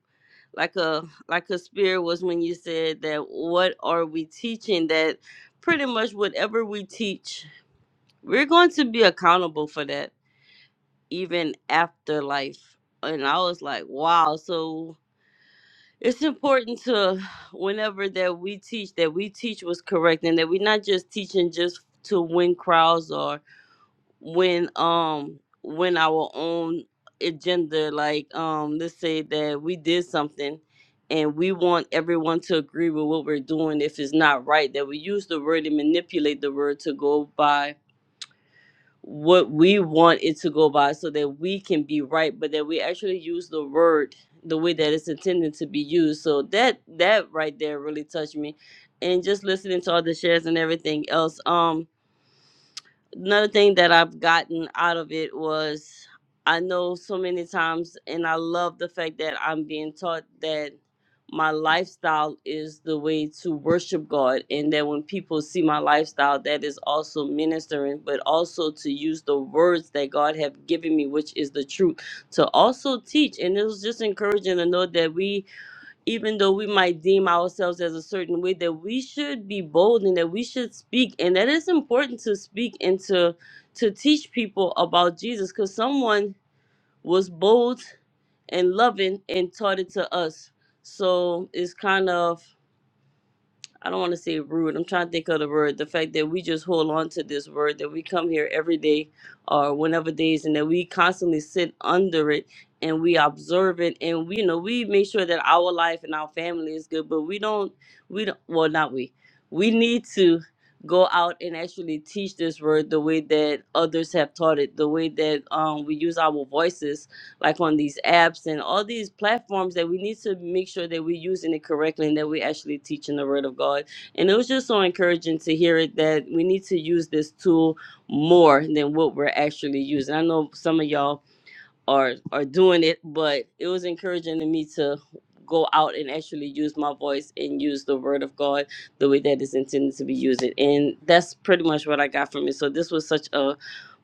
Speaker 1: like a like a spirit was when you said that what are we teaching that pretty much whatever we teach we're going to be accountable for that even after life and i was like wow so it's important to whenever that we teach that we teach was correct and that we're not just teaching just to win crowds or when um when our own agenda like um let's say that we did something and we want everyone to agree with what we're doing if it's not right that we use the word and manipulate the word to go by what we want it to go by so that we can be right but that we actually use the word the way that it's intended to be used so that that right there really touched me and just listening to all the shares and everything else um another thing that I've gotten out of it was I know so many times, and I love the fact that I'm being taught that my lifestyle is the way to worship God, and that when people see my lifestyle, that is also ministering, but also to use the words that God have given me, which is the truth, to also teach. And it was just encouraging to know that we even though we might deem ourselves as a certain way, that we should be bold and that we should speak, and that it's important to speak and to to teach people about Jesus, because someone was bold and loving and taught it to us. So it's kind of I don't want to say rude. I'm trying to think of the word. The fact that we just hold on to this word, that we come here every day or whenever days, and that we constantly sit under it and we observe it, and we you know we make sure that our life and our family is good. But we don't, we don't. Well, not we. We need to go out and actually teach this word the way that others have taught it, the way that um, we use our voices like on these apps and all these platforms that we need to make sure that we're using it correctly and that we're actually teaching the word of God. And it was just so encouraging to hear it that we need to use this tool more than what we're actually using. I know some of y'all are are doing it, but it was encouraging to me to go out and actually use my voice and use the word of God the way that it's intended to be used. And that's pretty much what I got from it. So this was such a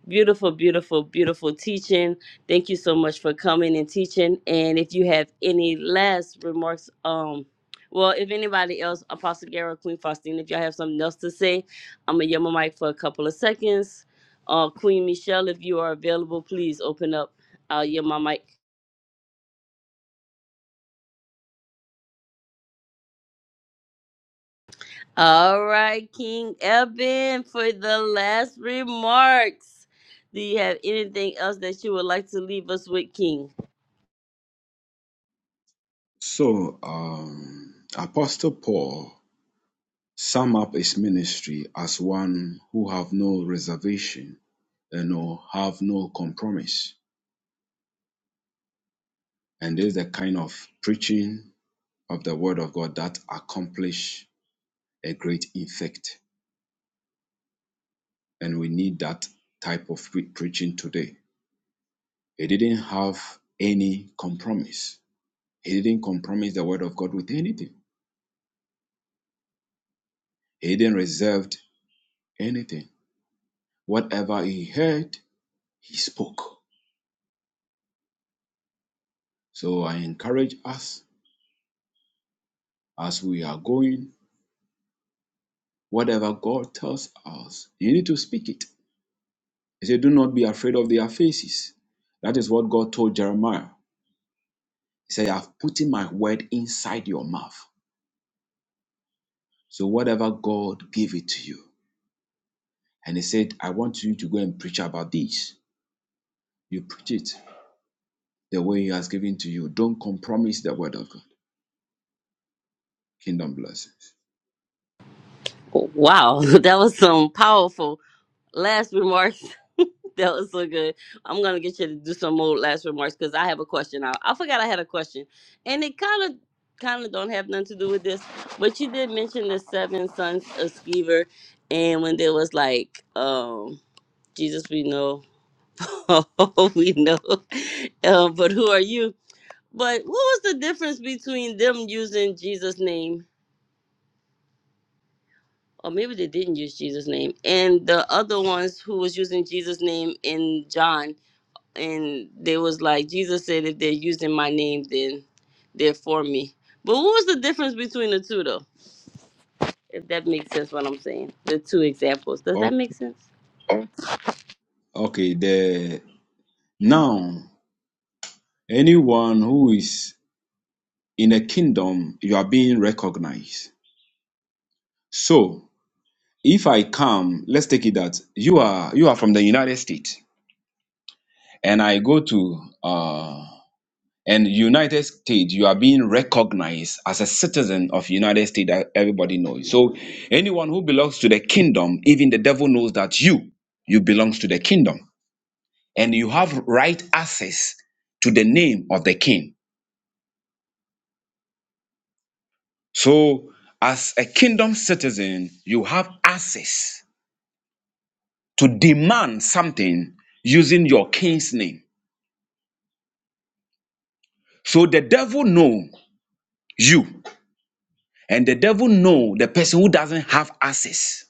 Speaker 1: Beautiful, beautiful, beautiful teaching. Thank you so much for coming and teaching. And if you have any last remarks, um, well, if anybody else, Apostle Gary, Queen Faustine, if y'all have something else to say, I'm gonna yell my mic for a couple of seconds. Uh, Queen Michelle, if you are available, please open up. I'll yell my mic. All right, King Eben, for the last remarks. Do you have anything else that you would like to leave us with, King?
Speaker 3: So, um, Apostle Paul sum up his ministry as one who have no reservation, you know, have no compromise. And this is the kind of preaching of the word of God that accomplish a great effect. And we need that type of pre- preaching today. He didn't have any compromise. He didn't compromise the word of God with anything. He didn't reserve anything. Whatever he heard, he spoke. So I encourage us as we are going, whatever God tells us, you need to speak it. He said, Do not be afraid of their faces. That is what God told Jeremiah. He said, I've put my word inside your mouth. So whatever God gave it to you. And he said, I want you to go and preach about this. You preach it the way he has given to you. Don't compromise the word of God. Kingdom blessings.
Speaker 1: Wow, that was some powerful. Last remarks. That was so good. I'm gonna get you to do some more last remarks because I have a question. I, I forgot I had a question, and it kind of kind of don't have nothing to do with this, but you did mention the seven sons of Skeever, and when there was like, um, Jesus, we know, we know, um, but who are you? But what was the difference between them using Jesus' name or maybe they didn't use Jesus' name, and the other ones who was using Jesus' name in John? and they was like jesus said if they're using my name then they're for me but what was the difference between the two though if that makes sense what i'm saying the two examples does
Speaker 3: O-
Speaker 1: that make sense
Speaker 3: Okay, the now anyone who is in a kingdom, you are being recognized. So if I come, let's take it that you are you are from the United States and I go to uh and united states you are being recognized as a citizen of united states that everybody knows so anyone who belongs to the kingdom even the devil knows that you you belongs to the kingdom and you have right access to the name of the king so as a kingdom citizen you have access to demand something using your king's name so the devil know you and the devil know the person who doesn't have access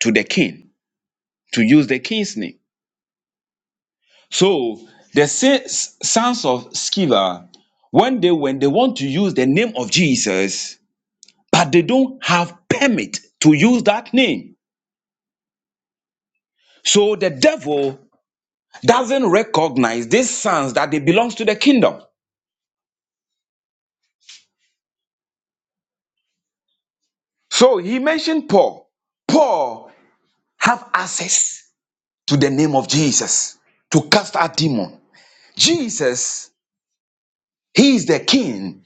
Speaker 3: to the king to use the king's name. So the sons sons of Sceva, one day when they want to use the name of Jesus, but they don't have permit to use that name. So the devil doesn't recognize these sons that they belongs to the kingdom. So he mentioned Paul. Paul have access to the name of Jesus to cast out demon. Jesus, he is the king.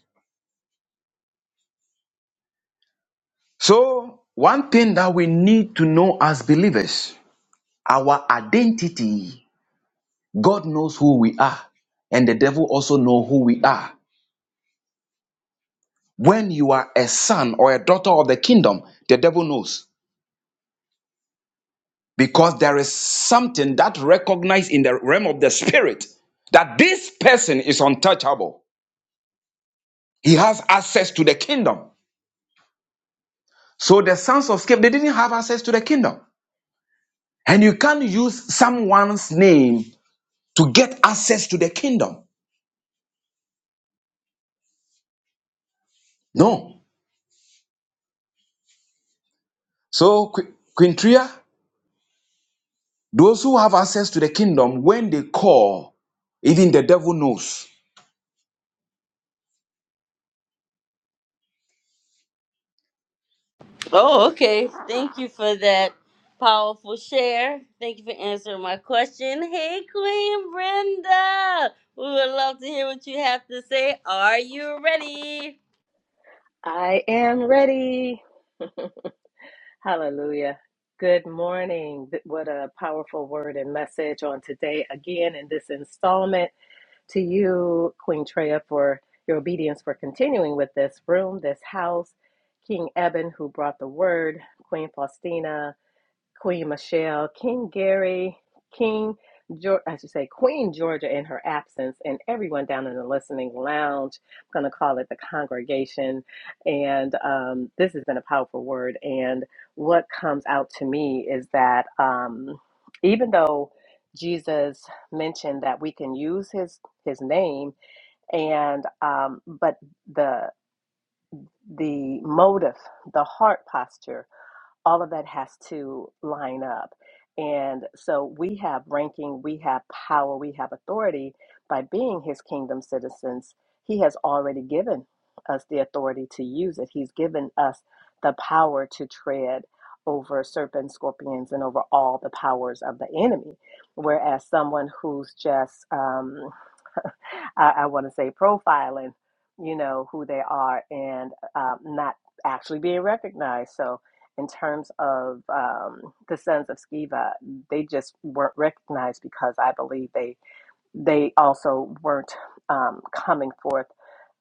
Speaker 3: So one thing that we need to know as believers Our identity, God knows who we are, and the devil also know who we are. When you are a son or a daughter of the kingdom, the devil knows because there is something that recognized in the realm of the spirit that this person is untouchable. He has access to the kingdom. So the sons of Sceva, they didn't have access to the kingdom. And you can't use someone's name to get access to the kingdom. No. So, Qu- Quintria, Those who have access to the kingdom, when they call, even the devil knows.
Speaker 1: oh okay thank you for that powerful share thank you for answering my question hey queen brenda we would love to hear what you have to say are you ready
Speaker 5: I am ready. Hallelujah. Good morning. Th- What a powerful word and message on today, again, in this installment to you, Queen Treya, for your obedience for continuing with this room, this house, King Eben, who brought the word, Queen Faustina. Queen Michelle, King Gary, King, Geor- I should say Queen Georgia in her absence, and everyone down in the listening lounge. I'm going to call it the congregation. And um, this has been a powerful word. And what comes out to me is that um, even though Jesus mentioned that we can use his his name, and um, but the the motive, the heart posture all of that has to line up. And so we have ranking, we have power, we have authority by being his kingdom citizens. He has already given us the authority to use it, he's given us the power to tread over serpents, scorpions, and over all the powers of the enemy. Whereas someone who's just, um, I, I want to say profiling, you know, who they are and um, not actually being recognized. So, in terms of um, the Sons of Sceva, they just weren't recognized because I believe they they also weren't um, coming forth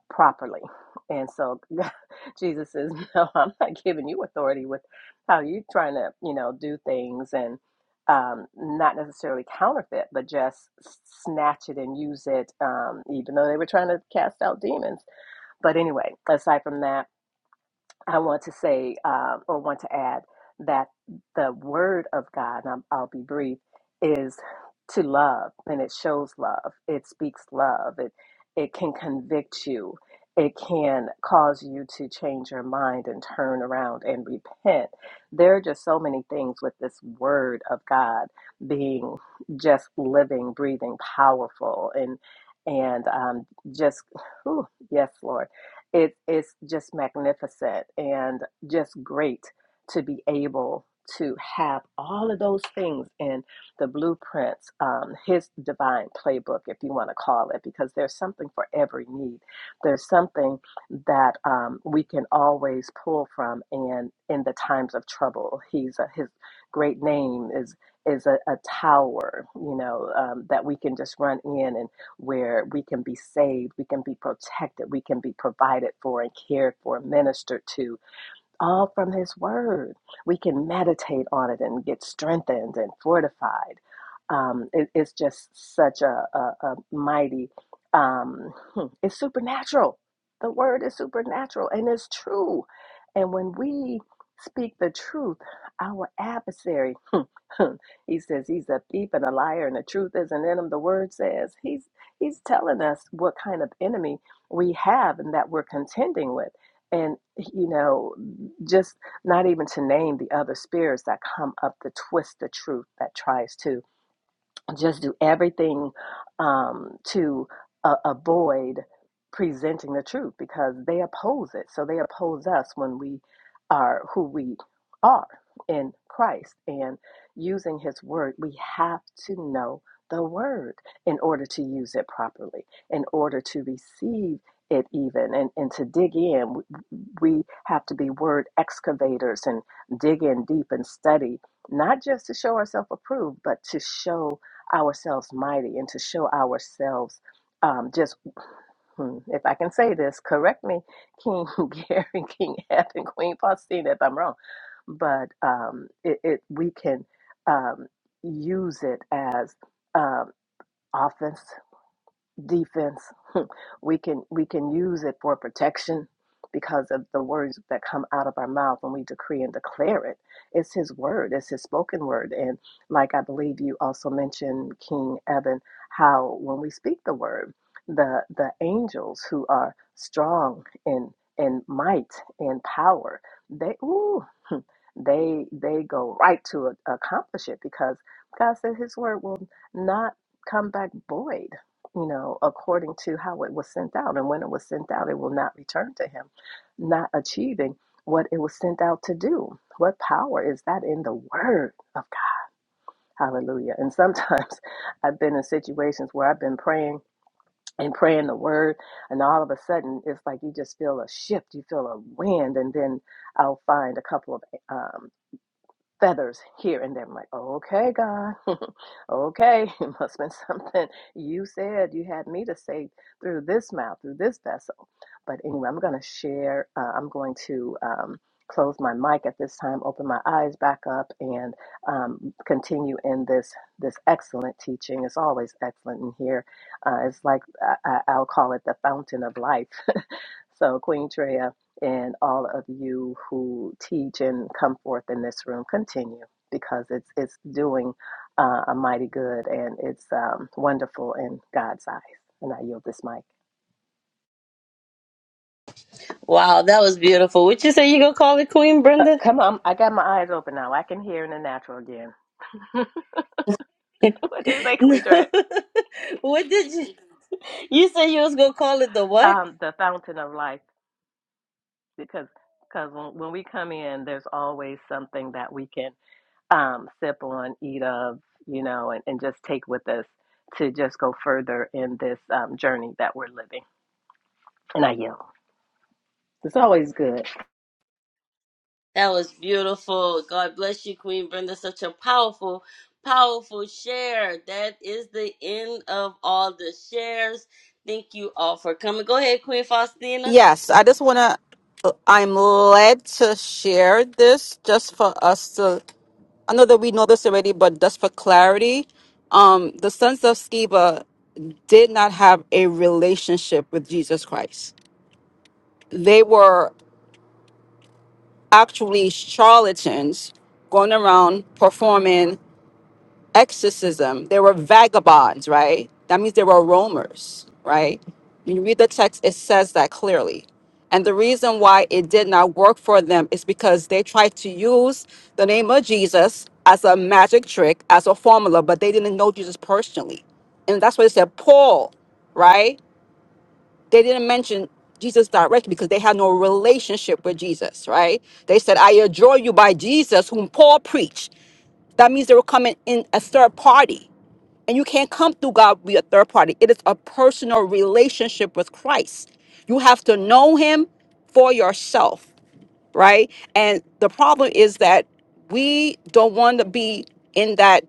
Speaker 5: properly. And so Jesus says, No, I'm not giving you authority with how you're trying to, you know, do things and um, not necessarily counterfeit, but just snatch it and use it, um, even though they were trying to cast out demons. But anyway, aside from that, I want to say uh, or want to add that the word of God, and I'm, I'll be brief, is to love, and it shows love. It speaks love. It it can convict you. It can cause you to change your mind and turn around and repent. There are just so many things with this word of God being just living, breathing, powerful, and and um, just, whew, yes, Lord it is just magnificent and just great to be able to have all of those things in the blueprints, um, his divine playbook, if you want to call it, because there's something for every need. There's something that um, we can always pull from, and in the times of trouble, he's a, his great name is is a, a tower, you know, um, that we can just run in where we can be saved, we can be protected, we can be provided for and cared for, ministered to, all from His Word. We can meditate on it and get strengthened and fortified. Um, it- it's just such a, a, a mighty, um, hmm, it's supernatural. The Word is supernatural and it's true. And when we speak the truth, our adversary, he says he's a thief and a liar and the truth isn't in him, the Word says. He's, he's telling us what kind of enemy we have and that we're contending with and you know just not even to name the other spirits that come up to twist the truth that tries to just do everything um, to uh, avoid presenting the truth because they oppose it. So they oppose us when we are who we are in Christ and using His Word. We have to know the Word in order to use it properly, in order to receive it even and, and to dig in we have to be word excavators and dig in deep and study not just to show ourselves approved but to show ourselves mighty and to show ourselves um, just, hmm, if I can say this, correct me, King Gary, King Ed, and Queen Faustina if I'm wrong, but um, it, it we can um, use it as um, offense defense we can we can use it for protection because of the words that come out of our mouth when we decree and declare it it's his word it's his spoken word and like i believe you also mentioned king evan how when we speak the word the the angels who are strong in in might and power they ooh they they go right to a, accomplish it because God said His word will not come back void. You know, according to how it was sent out, and when it was sent out, it will not return to Him, not achieving what it was sent out to do. What power is that in the word of God? Hallelujah. And sometimes I've been in situations where I've been praying and praying the word, and all of a sudden it's like you just feel a shift, you feel a wind, and then I'll find a couple of um, feathers here and there. I'm like, okay, God, okay, it must have been something you said you had me to say through this mouth, through this vessel. But anyway, I'm going to share, uh, I'm going to um, close my mic at this time, open my eyes back up, and um, continue in this this excellent teaching. It's always excellent in here. Uh, it's like I, I- I'll call it the fountain of life so, Queen Treya and all of you who teach and come forth in this room, continue because it's it's doing uh, a mighty good and it's um, wonderful in God's eyes. And I yield this mic.
Speaker 1: wow that was beautiful would you say you gonna call it queen
Speaker 5: Uh,
Speaker 1: brenda
Speaker 5: come on, I got my eyes open now. I can hear in the natural again. what do you say,
Speaker 1: no.
Speaker 5: Queen Treya?
Speaker 1: what did you? You said you was gonna call it the what?
Speaker 5: Um, the fountain of life, because because when, when we come in, there's always something that we can um, sip on, eat of, you know, and, and just take with us to just go further in this um, journey that we're living. And I yield. It's always good.
Speaker 1: That was beautiful. God bless you, Queen Brenda. Such a powerful, powerful share. That is the end of all the shares. Thank you all for coming. Go ahead, Queen Faustina.
Speaker 2: Yes, I just want to. I'm led to share this just for us to. I know that we know this already, but just for clarity, um, the sons of Sceva did not have a relationship with Jesus Christ. They were actually charlatans going around performing exorcism. They were vagabonds, right? That means they were roamers, right? When you read the text, it says that clearly. And the reason why it did not work for them is because they tried to use the name of Jesus as a magic trick, as a formula, but they didn't know Jesus personally. And that's why it said Paul, right? they didn't mention Jesus directly because they had no relationship with Jesus, right? They said, I adjure you by Jesus, whom Paul preached. That means they were coming in a third party. And you can't come through God via third party. It is a personal relationship with Christ. You have to know him for yourself, right? And the problem is that we don't want to be in that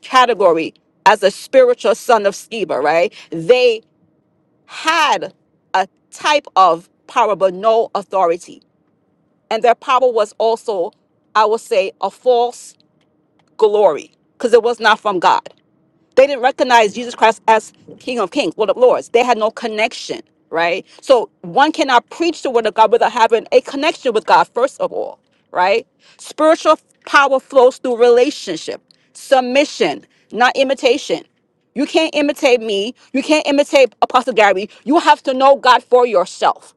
Speaker 2: category as a spiritual son of Sceva, right? They had a type of power, but no authority. And their power was also, I would say, a false glory because it was not from God. They didn't recognize Jesus Christ as King of Kings, Lord of Lords. They had no connection, right? So one cannot preach the word of God without having a connection with God, first of all, right? Spiritual power flows through relationship, submission, not imitation. You can't imitate me. You can't imitate Apostle Gary. You have to know God for yourself.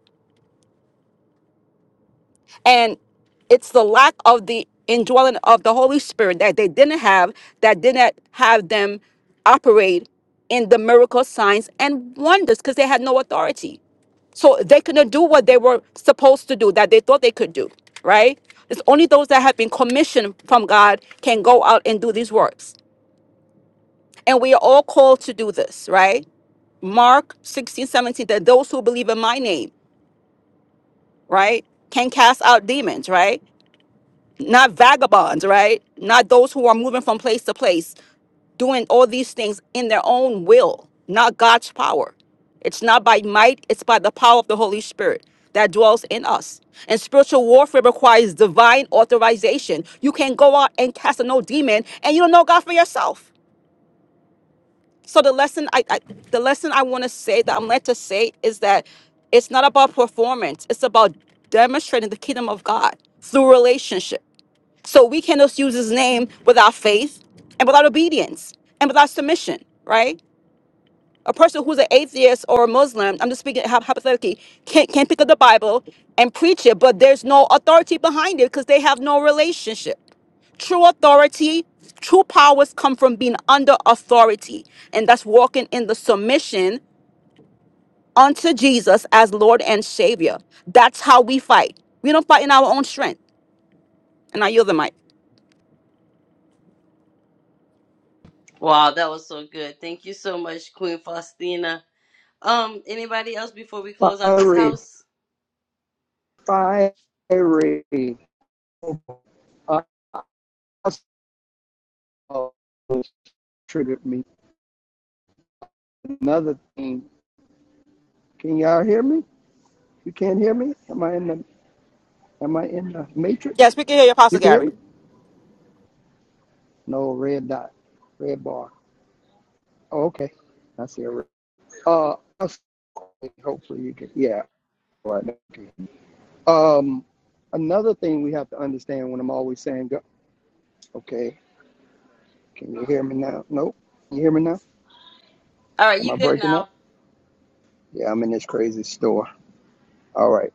Speaker 2: And it's the lack of the indwelling of the Holy Spirit that they didn't have, that didn't have them operate in the miracle signs and wonders because they had no authority. So they couldn't do what they were supposed to do, that they thought they could do, right? It's only those that have been commissioned from God can go out and do these works. And we are all called to do this, right? Mark 16 17. that those who believe in my name, right, can cast out demons, right? not vagabonds, right? Not those who are moving from place to place, doing all these things in their own will, not God's power. It's not by might, it's by the power of the Holy Spirit that dwells in us. And spiritual warfare requires divine authorization. You can go out and cast a no demon and you don't know God for yourself. So the lesson I, I the lesson I want to say that I'm led to say is that it's not about performance. It's about demonstrating the kingdom of God through relationship. So we cannot use his name without faith and without obedience and without submission, right? A person who's an atheist or a Muslim, I'm just speaking hy- hypothetically, can't, can't pick up the Bible and preach it, but there's no authority behind it because they have no relationship. True authority, true powers come from being under authority, and that's walking in the submission unto Jesus as Lord and Savior. That's how we fight. We don't fight in our own strength. And I yield the mic.
Speaker 1: Wow, that was so good. Thank you so much, Queen Faustina. Um, anybody else before we close out this
Speaker 4: Fiery,
Speaker 1: house?
Speaker 4: fiery. Uh, Also triggered me. Another thing. Can y'all hear me? You can't hear me? Am I in the am I in the
Speaker 2: Yes,
Speaker 4: matrix?
Speaker 2: we can hear you,
Speaker 4: You
Speaker 2: Apostle
Speaker 4: can hear
Speaker 2: Gary.
Speaker 4: me? No red dot. Red bar. Oh, okay. I see a red uh hopefully you can yeah. all Right. Okay. Um another thing we have to understand when I'm always saying go okay, can you hear me now? Nope. Can you hear me now?
Speaker 1: All right,
Speaker 4: Am I
Speaker 1: you good
Speaker 4: breaking up?
Speaker 1: now.
Speaker 4: Yeah, I'm in this crazy store. All right.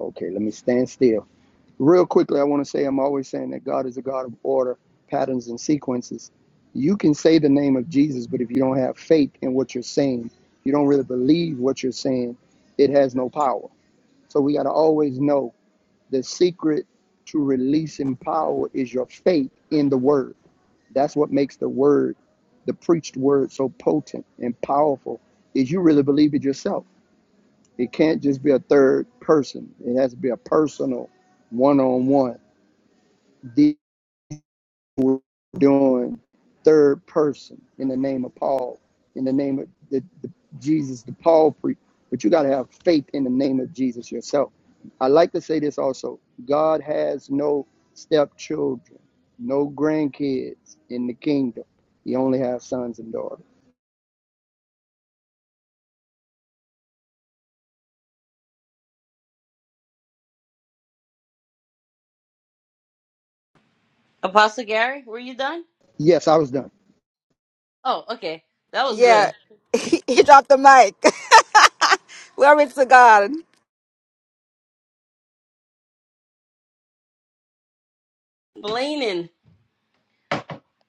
Speaker 4: Okay, let me stand still. Real quickly, I want to say I'm always saying that God is a God of order, patterns, and sequences. You can say the name of Jesus, but if you don't have faith in what you're saying, you don't really believe what you're saying, it has no power. So we got to always know the secret to releasing power is your faith in the word. That's what makes the word, the preached word, so potent and powerful, is you really believe it yourself It can't just be a third person. It has to be a personal, one-on-one deal with doing third person in the name of Paul, in the name of the, the Jesus, the Paul pre. But you got to have faith in the name of Jesus yourself. I like to say this also. God has no stepchildren, no grandkids in the kingdom. He only has sons and daughters.
Speaker 1: Apostle Gary, were you done?
Speaker 4: Yes, I was done.
Speaker 1: Oh, okay. That was
Speaker 2: Yeah,
Speaker 1: good.
Speaker 2: he, he dropped the mic. Glory to God.
Speaker 1: Blaming.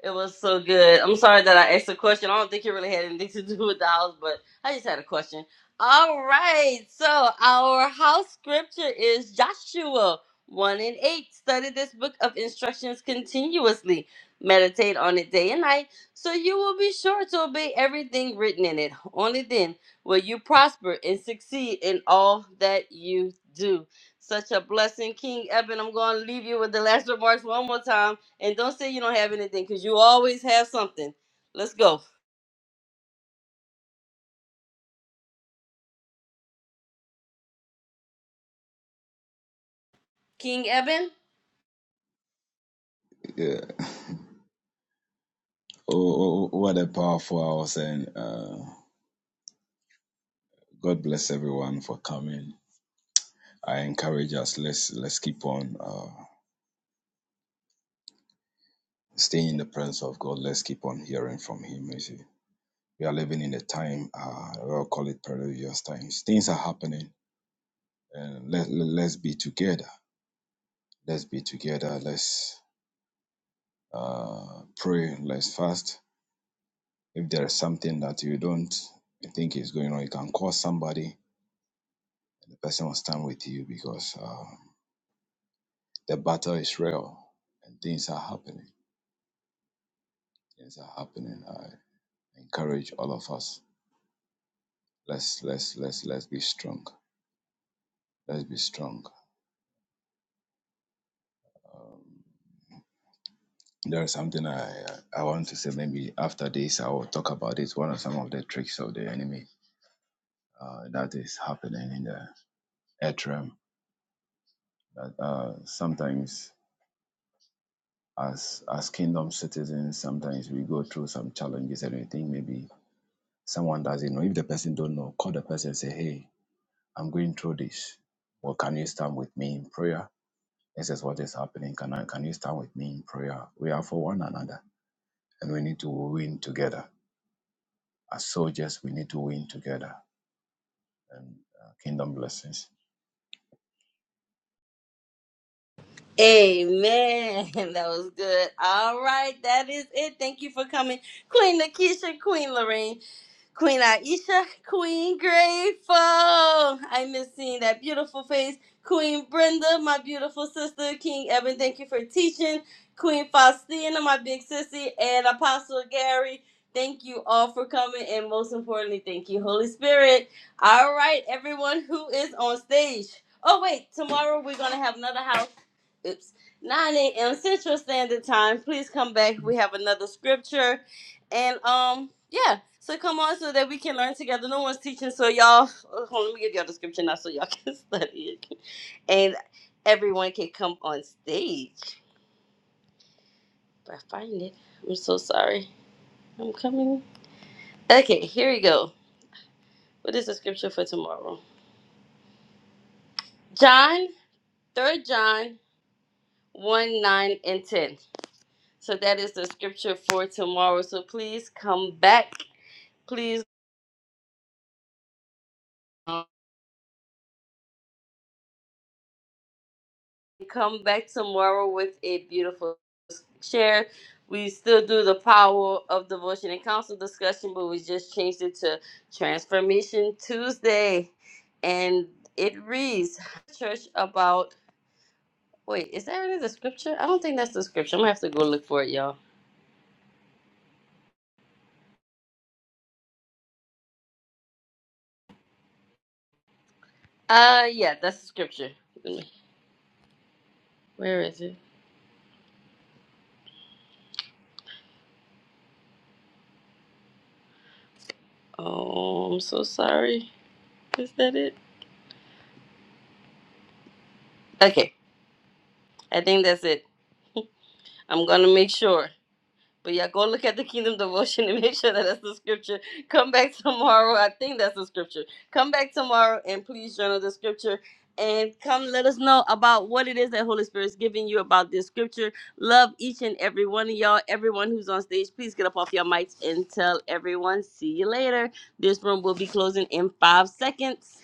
Speaker 1: It was so good. I'm sorry that I asked a question. I don't think it really had anything to do with the house, but I just had a question. All right. So our house scripture is Joshua 1 and 8. Study this book of instructions continuously. Meditate on it day and night, so you will be sure to obey everything written in it. Only then will you prosper and succeed in all that you do. Such a blessing, King Eben. I'm going to leave you with the last remarks one more time and don't say you don't have anything because you always have something. Let's go. King Eben?
Speaker 3: Oh, oh, for us and uh, God bless everyone for coming. I encourage us. Let's let's keep on uh, staying in the presence of God. Let's keep on hearing from Him. You see, we are living in a time. Uh, we'll call it perilous times. Things are happening, and let, let let's be together. Let's be together. Let's uh, pray. Let's fast. If there is something that you don't think is going on, you can call somebody The person will stand with you because uh, the battle is real and things are happening. Things are happening. I encourage all of us. Let's let's let's let's be strong. Let's be strong. There is something I I I want to say. Maybe after this, I will talk about it. One of some of the tricks of the enemy uh, that is happening in the earth realm. Uh, sometimes as as kingdom citizens sometimes we go through some challenges and we think maybe someone doesn't know if the person don't know call the person and say hey I'm going through this. Well, can you stand with me in prayer? This is what is happening. Can I, can you stand with me in prayer? We are for one another, and we need to win together. As soldiers, we need to win together. And uh, kingdom blessings.
Speaker 1: Amen. That was good. All right. That is it. Thank you for coming. Queen Nakisha, Queen Lorraine. Queen Aisha, Queen Grateful. I miss seeing that beautiful face. Queen Brenda, my beautiful sister. King Evan, thank you for teaching. Queen Faustina, my big sissy, and Apostle Gary. Thank you all for coming, and most importantly, thank you, Holy Spirit. All right, everyone who is on stage. Oh, wait, tomorrow we're going to have another house. Oops. 9 a.m. Central Standard Time. Please come back. We have another scripture. And um, yeah. So come on, so that we can learn together. No one's teaching, so y'all. Hold on, let me give y'all the scripture now, so y'all can study it, and everyone can come on stage. If I find it, I'm so sorry. I'm coming. Okay, here we go. What is the scripture for tomorrow? John, Third John, one nine and ten. So that is the scripture for tomorrow. So please come back. Please. come back tomorrow with a beautiful share. We still do the power of devotion and counsel discussion, but we just changed it to Transformation Tuesday. And it reads church about wait, is that really the scripture? I don't think that's the scripture. I'm gonna have to go look for it, y'all. Uh yeah, that's the scripture. Let me- Where is it? Oh, I'm so sorry. Is that it? Okay. I think that's it. I'm gonna make sure. But yeah, go look at the kingdom devotion and make sure that that's the scripture. Come back tomorrow. I think that's the scripture. Come back tomorrow and please journal the scripture and come let us know about what it is that Holy Spirit is giving you about this scripture. Love each and every one of y'all, everyone who's on stage. Please get up off your mics and tell everyone. See you later. This room will be closing in five seconds.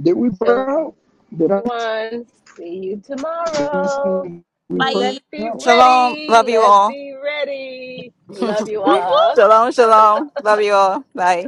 Speaker 4: Did we pray
Speaker 5: So,
Speaker 4: out? Did I?
Speaker 5: everyone, see you tomorrow.
Speaker 4: Did we pray
Speaker 1: Bye.
Speaker 5: Let's be
Speaker 4: out?
Speaker 1: Woo
Speaker 2: Shalom.
Speaker 5: ready.
Speaker 2: Love you
Speaker 5: Let's
Speaker 2: all.
Speaker 5: be ready. Love you
Speaker 1: woo.
Speaker 5: all.
Speaker 2: Shalom, shalom. Love you all. Bye.